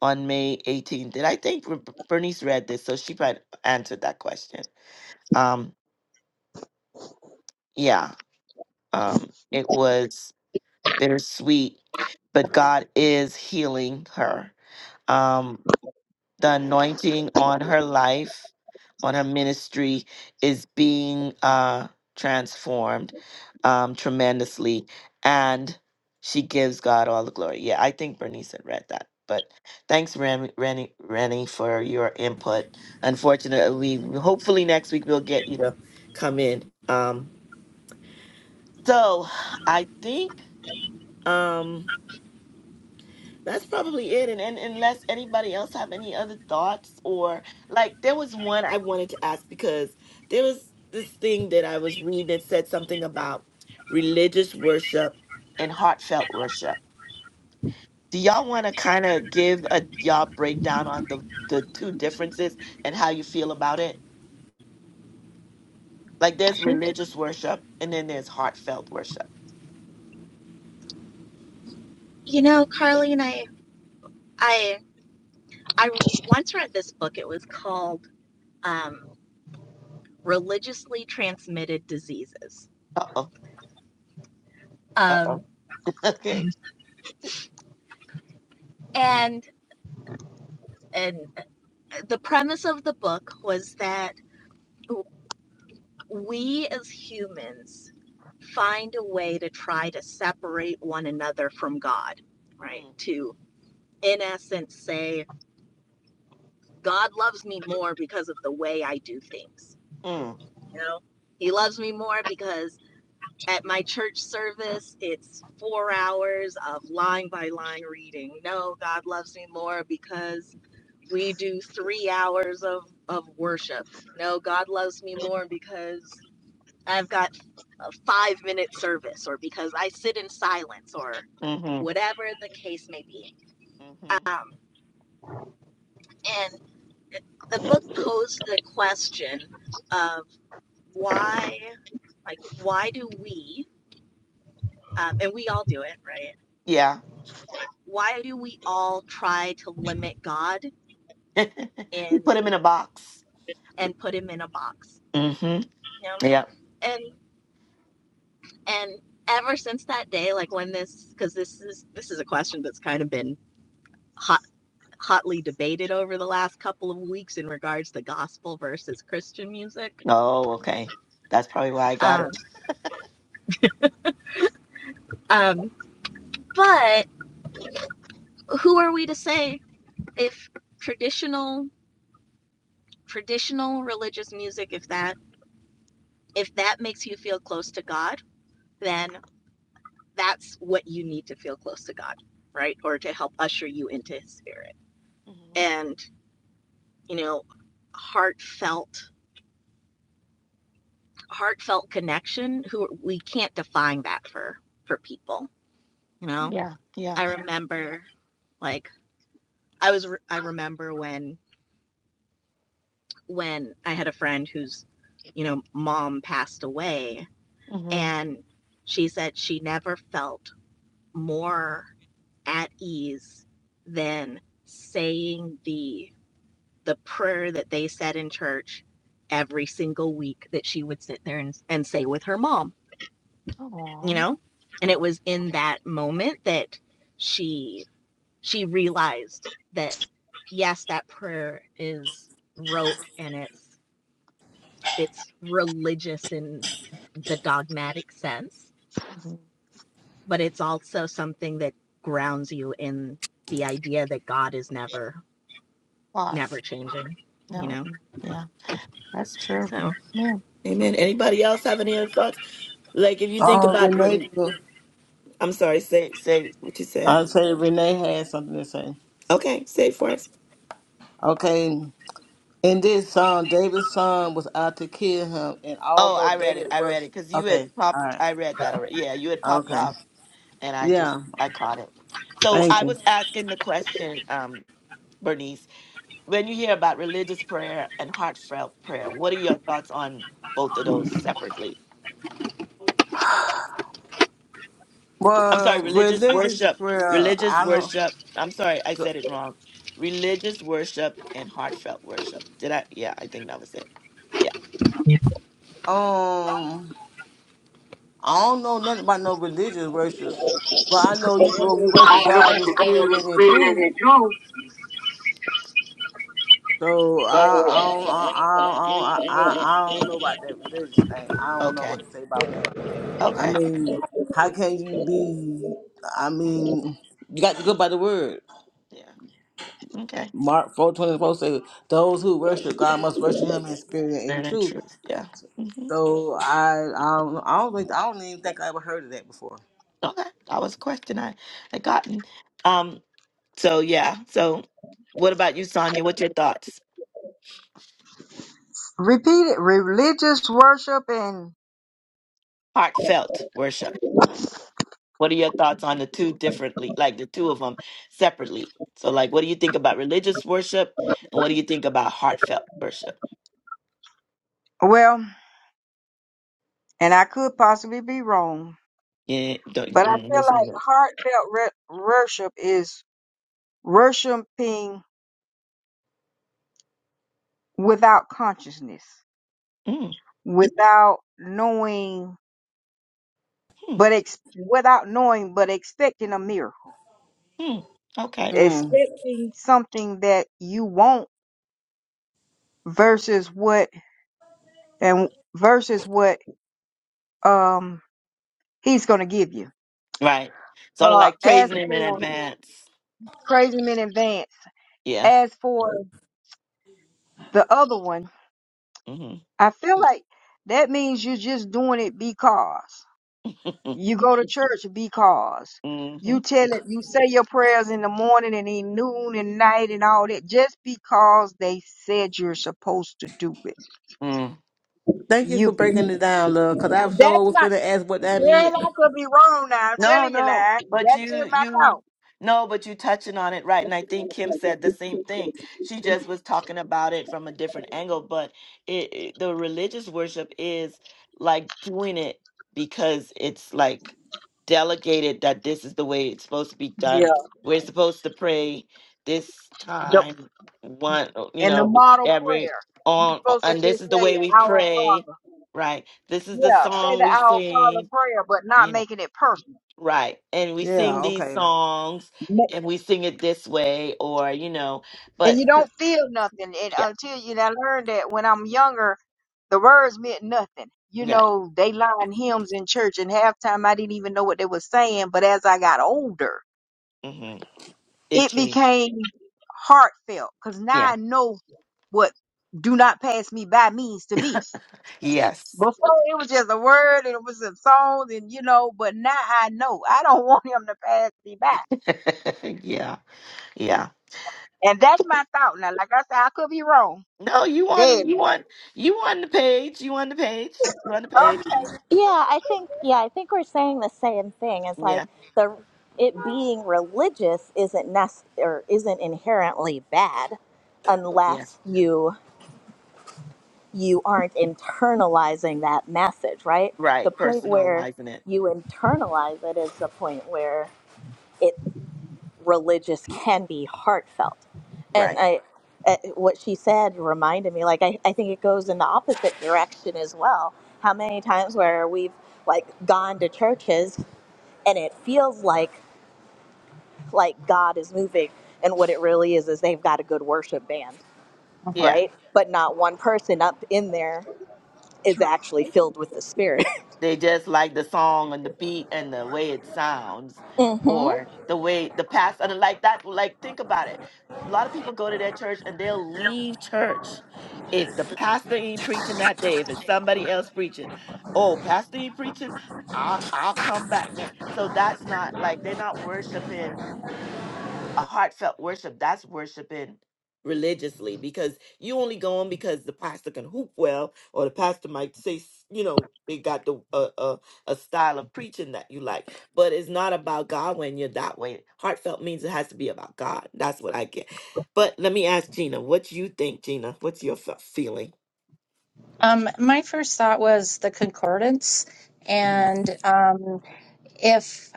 A: on May 18th. Did I think Ber- Bernice read this? So she probably answered that question. Um, yeah. Um, it was bittersweet, but God is healing her. Um. the anointing on her life, on her ministry is being uh, transformed um, tremendously, and she gives God all the glory. Yeah, I think Bernice had read that. But thanks, Ren- Rennie, Rennie, for your input. Unfortunately, hopefully next week we'll get you to come in. Um, so I think. Um, That's probably it. And, and unless anybody else have any other thoughts or like there was one I wanted to ask because there was this thing that I was reading that said something about religious worship and heartfelt worship. Do y'all want to kind of give a y'all breakdown on the the two differences and how you feel about it? Like there's
D: Sure.
A: religious worship and then there's heartfelt worship.
E: You know, Carly and I I I once read this book. It was called um religiously transmitted diseases.
A: Uh oh. Uh
E: Um,
A: oh. Okay.
E: and and uh, the premise of the book was that we as humans find a way to try to separate one another from God, right?
A: Mm.
E: To, in essence, say, God loves me more because of the way I do things.
A: Mm.
E: You know, He loves me more because at my church service, it's four hours of line by line reading. No, God loves me more because we do three hours of of worship no god loves me more because i've got a five minute service or because i sit in silence or
A: Mm-hmm.
E: whatever the case may be
A: Mm-hmm.
E: um, and the book posed the question of why like why do we um, and we all do it right
A: Yeah.
E: why do we all try to limit god in
A: we put him in a box.
E: and put him in a box
A: Mm-hmm.
E: you know?
A: Yep.
E: and. and ever since that day like when this because this is this is a question that's kind of been hot hotly debated over the last couple of weeks in regards to gospel versus christian music
A: Oh, okay. That's probably why I got
E: um,
A: it.
E: um but who are we to say if traditional traditional religious music if that if that makes you feel close to god then that's what you need to feel close to god right or to help usher you into his spirit
A: hmm
E: and you know heartfelt heartfelt connection who we can't define that for for people you know
A: Yeah. Yeah.
E: i remember like i was i remember when when i had a friend whose you know mom passed away
A: Mm-hmm.
E: and she said she never felt more at ease than saying the the prayer that they said in church every single week that she would sit there and, and say with her mom you
A: Aw.
E: know and it was in that moment that she she realized that yes that prayer is rote and it's it's religious in the dogmatic sense
A: Mhm.
E: but it's also something that grounds you in the idea that god is never
A: Far.
E: never changing you
A: No,
E: know
A: mm, yeah, that's true.
E: so
A: Yeah. Amen. Anybody else have any other thoughts? Like if you think
C: Oh,
A: about
C: Renee,
A: I'm sorry, say say what you say.
C: I say Renee has something to say.
A: Okay, say it first.
C: Okay. In this song, David's son was out to kill him, and
A: Oh,
C: although
A: I read it.
C: David
A: I read
C: was
A: it because you had
C: okay, all
A: popped
C: right,
A: I read
E: Yeah.
A: that already. Yeah, you had popped
C: okay,
A: up and I just
C: yeah,
A: I caught it. So
C: thank
A: I
C: you.
A: was asking the question, um, Bernice, when you hear about religious prayer and heartfelt prayer, what are your thoughts on both of those separately? I'm sorry,
C: Well,
A: religious
C: religious
A: worship,
C: prayer,
A: religious
C: I don't,
A: worship. I'm sorry, I said it wrong. Religious worship and heartfelt worship. Did I? Yeah, I think that was it. Yeah.
C: um, I don't know nothing about no religious worship, but I know you people you worship God in spirit and in truth. So I, I don't, I, I, I, I, I don't know about that religious thing. I don't know what
A: Okay.
C: to say about that. I
A: Okay.
C: mean, how can you be? I mean, you got to go by the word.
A: Yeah. Okay.
C: Mark four twenty four says, "Those who worship God must worship Him in spirit and in
A: Spirit and
C: truth."
A: truth. Yeah. hmm
C: So I, I, don't, I don't think, I don't even think I ever heard of that before.
A: Okay. That was a question I had gotten. Um. So yeah. So, what about you, Sonia? What's your thoughts?
B: Repeat it. Religious worship and
A: Heartfelt worship. What are your thoughts on the two differently, like the two of them separately? So, like, what do you think about religious worship, and what do you think about heartfelt worship?
B: well, and I could possibly be wrong,
A: Yeah, don't,
B: but I
A: mm,
B: feel
A: there's
B: like
A: no-
B: heartfelt re- worship is worshiping without consciousness,
A: mm,
B: without knowing.
A: mm,
B: but ex- without knowing, but expecting a miracle,
A: mm. okay,
C: Mm.
B: expecting something that you want versus what and versus what um he's gonna give you.
A: right. Sort of
B: Uh,
A: like
B: as
A: praising him in
B: for
A: advance.
B: crazy him in advance.
A: Yeah.
B: As for the other one,
A: Mm-hmm.
B: I feel like that means you're just doing it because. You go to church because you tell it, you say your prayers in the morning and in noon and night and all that just because they said you're supposed to do it.
A: hmm
C: Thank you for
B: You,
C: breaking it down, love, because I sure
B: that's
C: was
B: not,
C: going to ask what that meant.
B: girl, I could be wrong now. I'm
A: No,
B: telling you
A: no,
B: now.
A: but
B: That's
A: you
B: in my
A: you
B: thought.
A: no, but you touching on it right, and I think Kim said the same thing. She just was talking about it from a different angle, but it, it the religious worship is like doing it because it's like delegated that this is the way it's supposed to be
B: Yeah.
A: done. We're supposed to pray this
B: Yep.
A: time one, you
B: In the
A: know,
B: model
A: every
B: prayer, you're
A: on,
B: supposed to
A: and
B: just
A: this is the
B: say,
A: way we
B: Our
A: pray,
B: Father.
A: right? This is the
B: Yeah, say
A: song
B: the
A: we
B: Our Father
A: sing.
B: prayer, but not making it personal.
A: Right. And we sing Is
C: Yeah.
A: these
C: Okay.
A: songs
B: Ma-
A: and we sing it this way or, you know,
B: And
A: but
B: you don't feel nothing. And
A: yeah,
B: until you, and I learned that when I'm younger. the words meant nothing. You
A: right.
B: know, they lined hymns in church, and half time I didn't even know what they were saying. But as I got older,
A: hmm It
B: it
A: changed.
B: became heartfelt because
A: Yeah.
B: now I know what "Do Not Pass Me By" means to me.
A: Yes.
B: Before it was just a word, and it was a song, and you know. But now I know I don't want him to pass me by,
A: yeah. Yeah.
B: and that's my thought. Now, like I said, I could be wrong.
A: No, you on
B: Dead.
A: you
B: wrong.
A: on you on the page. You on the page. You on the page.
B: Okay,
E: Yeah, I think yeah, I think we're saying the same thing is like
A: Yeah.
E: the it being religious isn't nest or isn't inherently bad
A: Yeah.
E: unless you you aren't internalizing that message, right? The
A: Right.
E: point where
A: Personalizing it.
E: you internalize it is the point where it religious can be heartfelt. And
A: Right.
E: I uh, what she said reminded me like I, I think it goes in the opposite direction as well. How many times where we've like gone to churches and it feels like like God is moving. And what it really is is they've got a good worship band,
A: Yeah.
D: Mhm.
E: right? But not one person up in there is
B: true.
E: actually filled with the Spirit.
A: They just like the song and the beat and the way it sounds,
E: hmm
A: or the way the past and like that. Like think about it. A lot of people go to their church and they'll leave church if the pastor ain't preaching that day. If it's somebody else preaching, oh, pastor ain't preaching. I'll I'll come back next. So that's not like they're not worshiping a heartfelt worship that's worshiping religiously because you only go on because the pastor can hoop well or the pastor might say s- you know they got the uh, uh, a style of preaching that you like but it's not about god when you're that way heartfelt means it has to be about god that's what i get but let me ask gina what you think gina what's your fe- feeling
D: Um, my first thought was the concordance,
A: Mhm.
D: and um, if.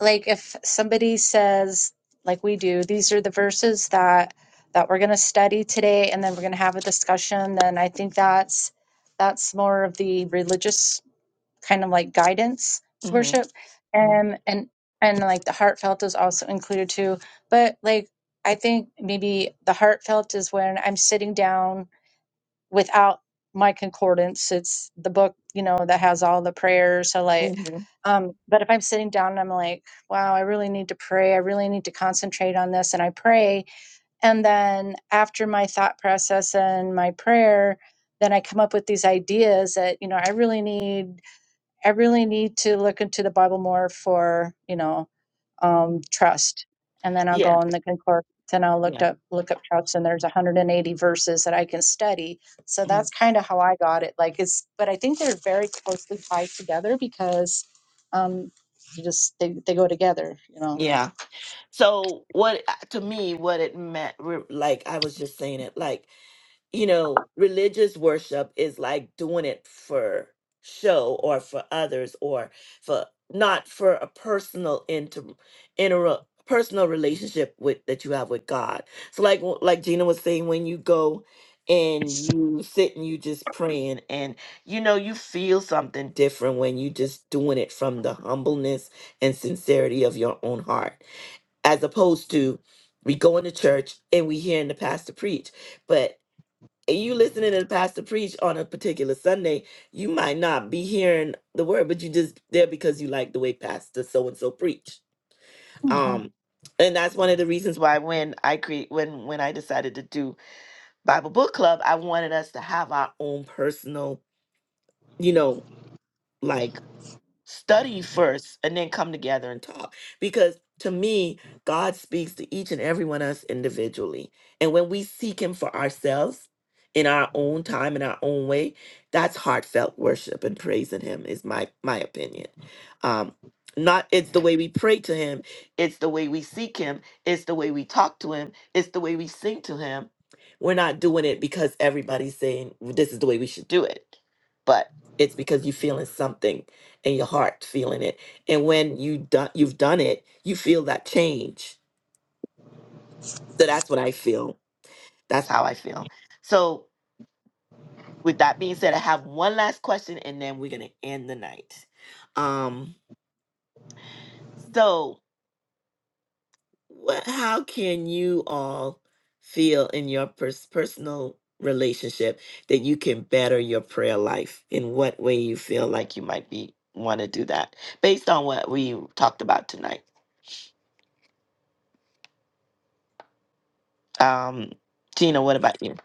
D: like if somebody says like we do these are the verses that that we're going to study today and then we're going to have a discussion then i think that's that's more of the religious kind of like guidance
A: Mhm.
D: worship
A: Mhm.
D: and and and like the heartfelt is also included too but like i think maybe the heartfelt is when i'm sitting down without my concordance it's the book you know that has all the prayers so like
A: Mhm.
D: um but if i'm sitting down and i'm like wow i really need to pray i really need to concentrate on this and i pray and then after my thought process and my prayer then i come up with these ideas that you know i really need I really need to look into the Bible more for, you know, um,
A: Mhm.
D: trust. And then I'll go
A: yeah
D: on the concord. Then I'll look
A: yeah
D: up look up trust, and there's 180 verses that I can study. So that's kind of how I got it. Like it's, but I think they're very closely tied together because um, you just they they go together, you know.
A: Yeah. So what uh, to me what it meant re- like I was just saying it like you know religious worship is like doing it for show or for others or for not for a personal inter inter personal relationship with that you have with God. So like w- like Gina was saying when you go and you sit and you just praying and you know you feel something different when you just doing it from the humbleness and sincerity of your own heart as opposed to we going to church and we hearing the pastor preach. But and you listening to the pastor preach on a particular Sunday, you might not be hearing the word, but you just there because you like the way pastor so and so preach.
D: Mhm.
A: Um, and that's one of the reasons why when I create when when I decided to do Bible book club, I wanted us to have our own personal, you know, like study first and then come together and talk because to me god speaks to each and every one of us individually and when we seek him for ourselves in our own time in our own way that's heartfelt worship and praising him is my my opinion um not it's the way we pray to him it's the way we seek him it's the way we talk to him it's the way we sing to him we're not doing it because everybody's saying this is the way we should do it but it's because you're feeling something and your heart feeling it. And when you done you've done it, you feel that change. So that's what I feel. That's how I feel. So with that being said, I have one last question and then we're gonna end the night. Um so what how can you all feel in your pers- personal relationship that you can better your prayer life in what way you feel like you might be want to do that based on what we talked about tonight um gina what about you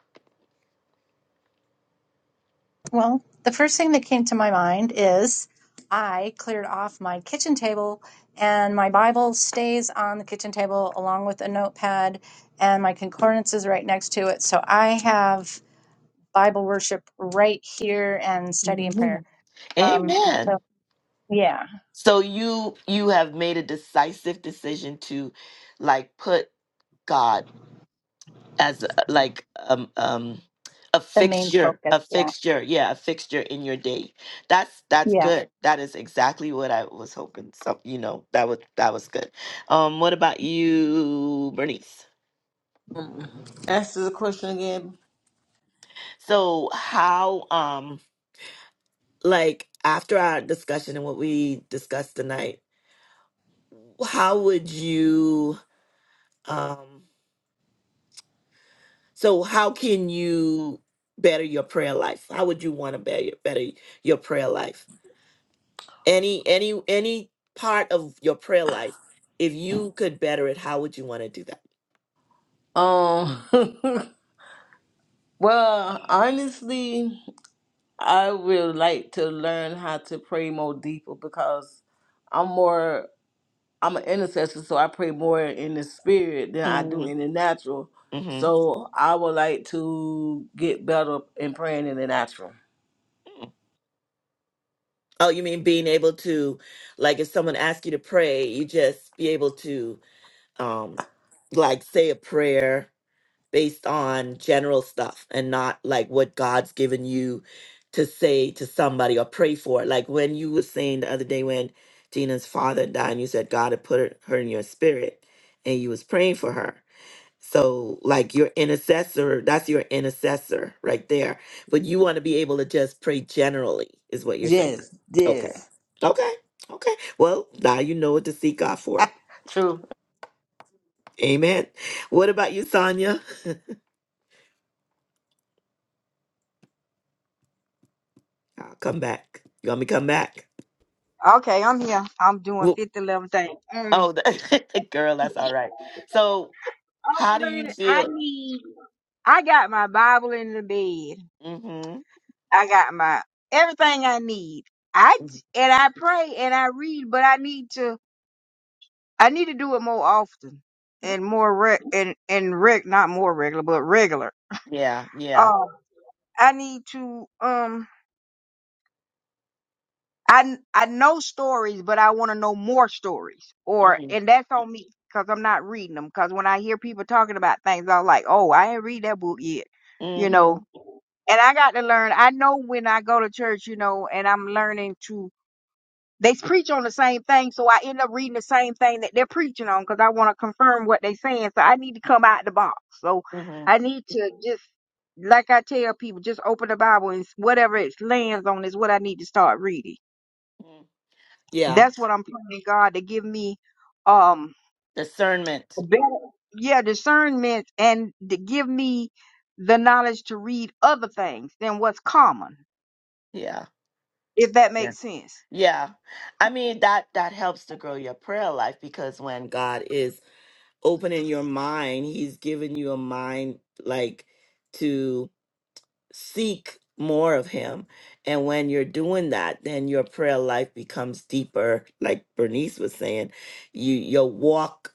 D: Well, the first thing that came to my mind is I cleared off my kitchen table, and my Bible stays on the kitchen table along with a notepad, and my concordance is right next to it. So I have Bible worship right here and study and prayer.
A: Amen.
D: Um, so,
A: Amen.
D: yeah,
A: So you you have made a decisive decision to like put God as a, like um um a
D: the main
A: fixture,
D: focus.
A: a
D: Yeah.
A: fixture, yeah, a fixture in your day. That's that's
D: Yeah.
A: good. That is exactly what I was hoping. So you know that was that was good. Um, what about you, Bernice?
C: Mm. Ask the question again.
A: So how um like after our discussion and what we discussed tonight, how would you? Um, so how can you better your prayer life? How would you want to better better your prayer life? Any any any part of your prayer life, if you could better it, how would you want to do that?
C: Um. well, honestly. I would like to learn how to pray more deeper because I'm more I'm an intercessor, so I pray more in the spirit than I do
A: Mm,
C: in the natural.
A: Mm-hmm.
C: So I would like to get better in praying in the natural.
A: Oh, you mean being able to, like, if someone asks you to pray, you just be able to, um, like, say a prayer based on general stuff and not like what God's given you to say to somebody or pray for. Like when you were saying the other day when Gina's father died, and you said God had put her her in your spirit, and you was praying for her. So, like your intercessor, that's your intercessor right there. But you want to be able to just pray generally, is what you're saying.
C: Yes,
A: Okay.
C: yes.
A: Okay. Okay. Well, now you know what to seek God for.
C: True.
A: Amen. What about you, Sonia? I'll come back. You want me to come back?
B: Okay, I'm here. I'm doing
A: Well,
B: fifty level things. Mm.
A: oh, the, girl, that's all right. So,
B: I'm
A: how do you
B: learning. I
A: feel?
B: need. I got my Bible in the bed.
A: Mm-hmm.
B: I got my everything I need. I j-
A: Mm-hmm.
B: and I pray and I read, but I need to. I need to do it more often and more re- and and reg not more regular, but regular.
A: Yeah. Yeah.
B: Um, I need to. Um, I kn- I know stories, but I want to know more stories. Or
A: Mm-hmm.
B: and that's on me because I'm not reading them. Because when I hear people talking about things, I'm like, oh, I ain't read that book yet. You know,
A: Mm-hmm.
B: And I got to learn. I know when I go to church, you know, and I'm learning to. They preach on the same thing, so I end up reading the same thing that they're preaching on because I want to confirm what they're saying. So I need to come out the box. So I
A: Mm-hmm.
B: need to just, like I tell people, just open the Bible and whatever it lands on is what I need to start reading.
A: Yeah.
B: That's what I'm praying God to give me, um,
A: Discernment.
B: a better, yeah, discernment and to give me the knowledge to read other things than what's common,
A: Yeah.
B: if that
A: Yeah.
B: makes sense.
A: Yeah. I mean that that helps to grow your prayer life because when God is opening your mind. He's given you a mind like to seek more of him. And when you're doing that, then your prayer life becomes deeper, like Bernice was saying. You your walk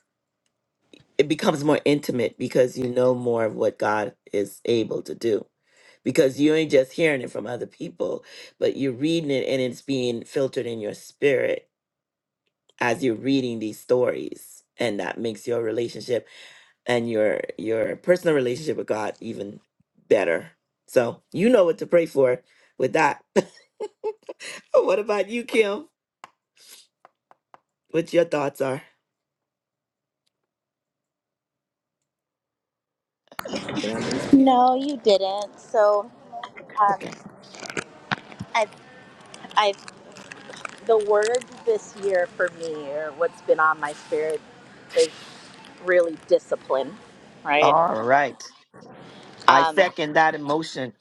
A: it becomes more intimate because you know more of what God is able to do. Because you ain't just hearing it from other people, but you're reading it and it's being filtered in your spirit as you're reading these stories. And that makes your relationship and your your personal relationship with God even better. So you know what to pray for with that. what about you, Kim? What your thoughts are? Oh, did I lose Kim?
E: No, you didn't. So um,
A: Okay.
E: I've, I've the word this year for me, or what's been on my spirit, is really discipline, right?
A: All right. I
E: Um,
A: second that emotion.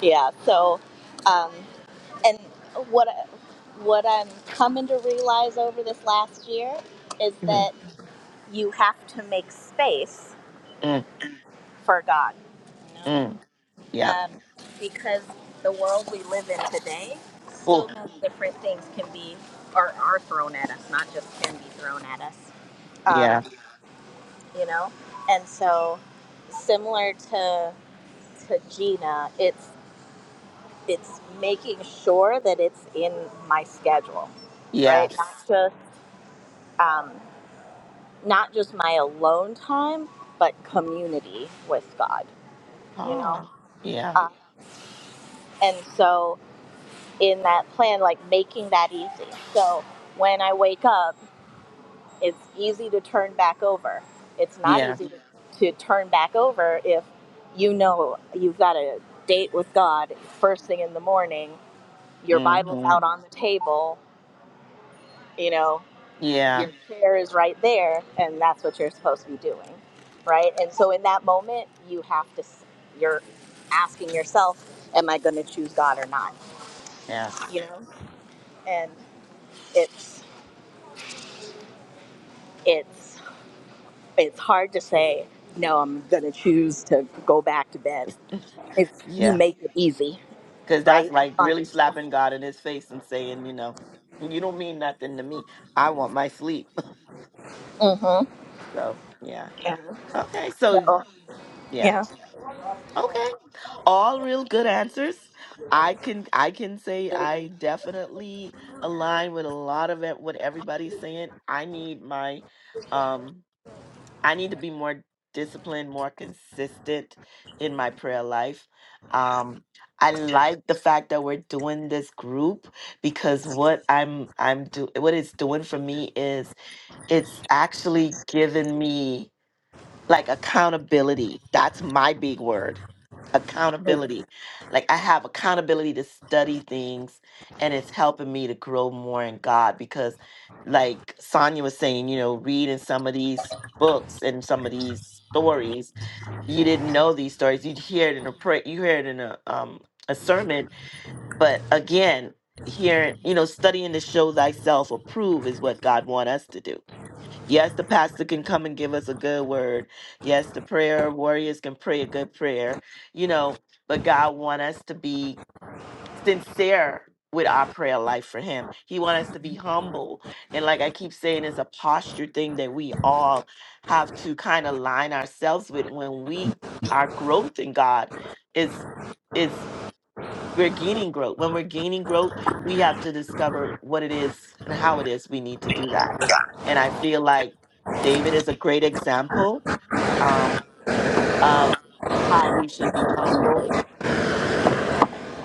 E: yeah. So, um, and what what I'm coming to realize over this last year is
A: Mm,
E: that. you have to make space
A: mm,
E: for God, you know,
A: mm. Yeah.
E: um, because the world we live in today, so
A: Oh,
E: many different things can be or are thrown at us, not just can be thrown at us, um,
A: yeah.
E: you know, and so similar to to Gina, it's it's making sure that it's in my schedule, right? Not
A: Yes.
E: just um, not just my alone time, but community with God, you know.
A: Oh, yeah.
E: Um, And so in that plan, like making that easy. So when I wake up, it's easy to turn back over. It's not
A: Yeah.
E: easy to, to turn back over if you know you've got a date with God first thing in the morning, your Bible's
A: hmm
E: out on the table, you know,
A: Yeah.
E: your chair is right there, and that's what you're supposed to be doing, right? And so in that moment, you have to, s- you're asking yourself, am I going to choose God or not? You
A: Yes.
E: know, and it's it's it's hard to say no i'm going to choose to go back to bed it's you
A: Yeah.
E: make it easy
A: Because that's
E: right
A: like
E: on
A: really
E: yourself
A: slapping God in his face and saying, you know, you don't mean nothing to me. I want my sleep.
E: hmm
A: So, yeah.
E: yeah
A: Okay. So,
E: so
A: yeah.
E: yeah
A: Okay. All real good answers. I can I can say I definitely align with a lot of it, what everybody's saying. I need my um I need to be more disciplined, more consistent in my prayer life. Um, I like the fact that we're doing this group because what I'm I'm do what it's doing for me is it's actually giving me like accountability. That's my big word. Accountability. Like I have accountability to study things and it's helping me to grow more in God because like Sonia was saying, you know, reading some of these books and some of these stories, you didn't know these stories. You'd hear it in a prayer you hear it in a um a sermon. But again, hearing, you know, studying to show thyself approve is what God want us to do Yes, the pastor can come and give us a good word. Yes, the prayer warriors can pray a good prayer, you know, but God want us to be sincere with our prayer life for him. He want us to be humble. And like I keep saying, it's a posture thing that we all have to kind of line ourselves with when we our growth in God is is we're gaining growth. When we're gaining growth, we have to discover what it is and how it is we need to do that. And I feel like David is a great example um, of how we should be humble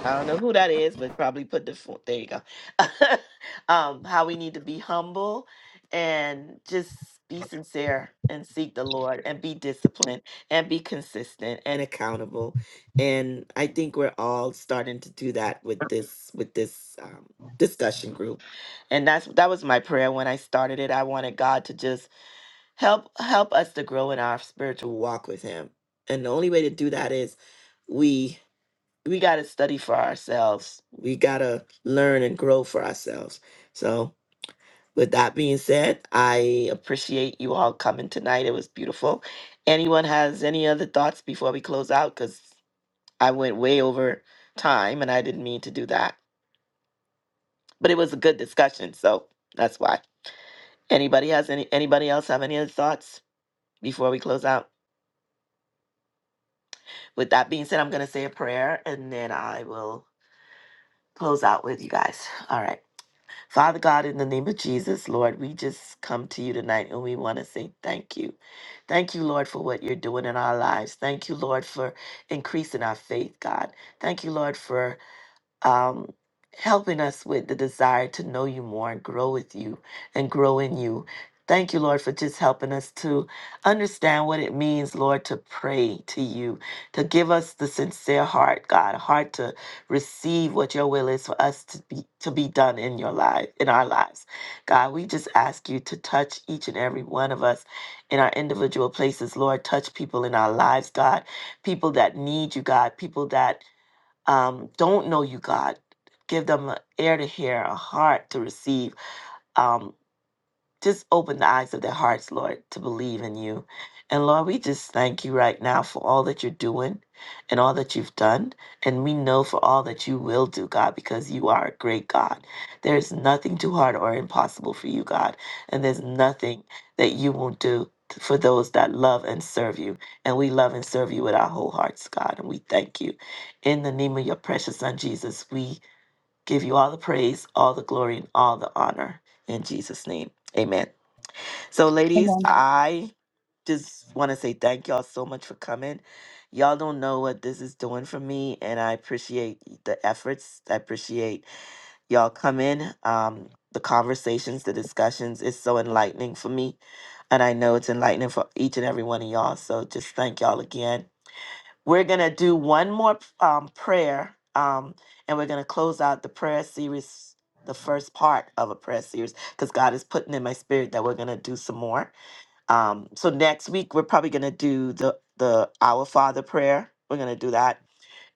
A: I don't know who that is, but probably put the fo- there you go. um, how we need to be humble and just be sincere and seek the Lord and be disciplined and be consistent and accountable. And I think we're all starting to do that with this with this um, discussion group. And that's that was my prayer when I started it. I wanted God to just help help us to grow in our spiritual walk with Him. And the only way to do that is we we got to study for ourselves. We got to learn and grow for ourselves. So, with that being said, I appreciate you all coming tonight. It was beautiful. Anyone has any other thoughts before we close out? Because I went way over time and I didn't mean to do that. But it was a good discussion. So, that's why. Anybody has any, anybody else have any other thoughts before we close out? With that being said, I'm going to say a prayer and then I will close out with you guys. All right. Father God, in the name of Jesus, Lord, we just come to you tonight and we want to say thank you. Thank you, Lord, for what you're doing in our lives. Thank you, Lord, for increasing our faith, God. Thank you, Lord, for um, helping us with the desire to know you more and grow with you and grow in you. Thank you, Lord, for just helping us to understand what it means, Lord, to pray to you, to give us the sincere heart, God, a heart to receive what your will is for us to be to be done in your life, in our lives. God, we just ask you to touch each and every one of us in our individual places, Lord. Touch people in our lives, God, people that need you, God, people that um, don't know you, God. Give them an ear to hear, a heart to receive. Um, just open the eyes of their hearts, Lord, to believe in you. And Lord, we just thank you right now for all that you're doing and all that you've done. And we know for all that you will do, God, because you are a great God. There's nothing too hard or impossible for you, God. And there's nothing that you won't do for those that love and serve you. And we love and serve you with our whole hearts, God. And we thank you. In the name of your precious Son, Jesus, we give you all the praise, all the glory, and all the honor. In Jesus' name, amen. So, ladies,
D: Amen.
A: I just want to say thank y'all so much for coming. Y'all don't know what this is doing for me, and I appreciate the efforts. I appreciate y'all coming. Um, the conversations, the discussions is so enlightening for me, and I know it's enlightening for each and every one of y'all. So, just thank y'all again. We're gonna do one more um, prayer, um, and we're gonna close out the prayer series, the first part of a prayer series, because God is putting in my spirit that we're gonna do some more. Um, so next week we're probably gonna do the the Our Father prayer. We're gonna do that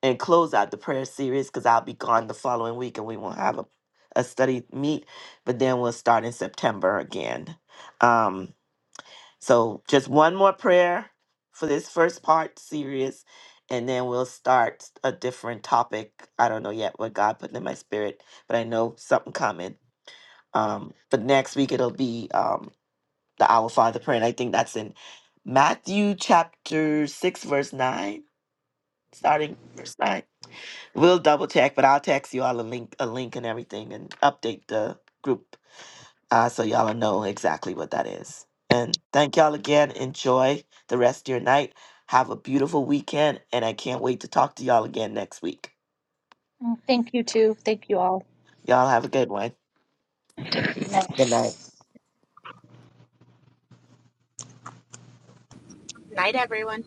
A: and close out the prayer series because I'll be gone the following week and we won't have a, a study meet. But then we'll start in September again. Um, so just one more prayer for this first part series, and then we'll start a different topic. I don't know yet what God put in my spirit, but I know something coming. Um, but next week it'll be um, the Our Father prayer. And I think that's in Matthew chapter 6, verse 9, starting verse 9. We'll double check, but I'll text you all a link, a link and everything and update the group uh, so y'all will know exactly what that is. And thank y'all again. Enjoy the rest of your night. Have a beautiful weekend, and I can't wait to talk to y'all again next week.
D: Mm, Thank you, too. Thank you all.
A: Y'all have a good one.
D: Amen.
A: Good night.
E: Night, everyone.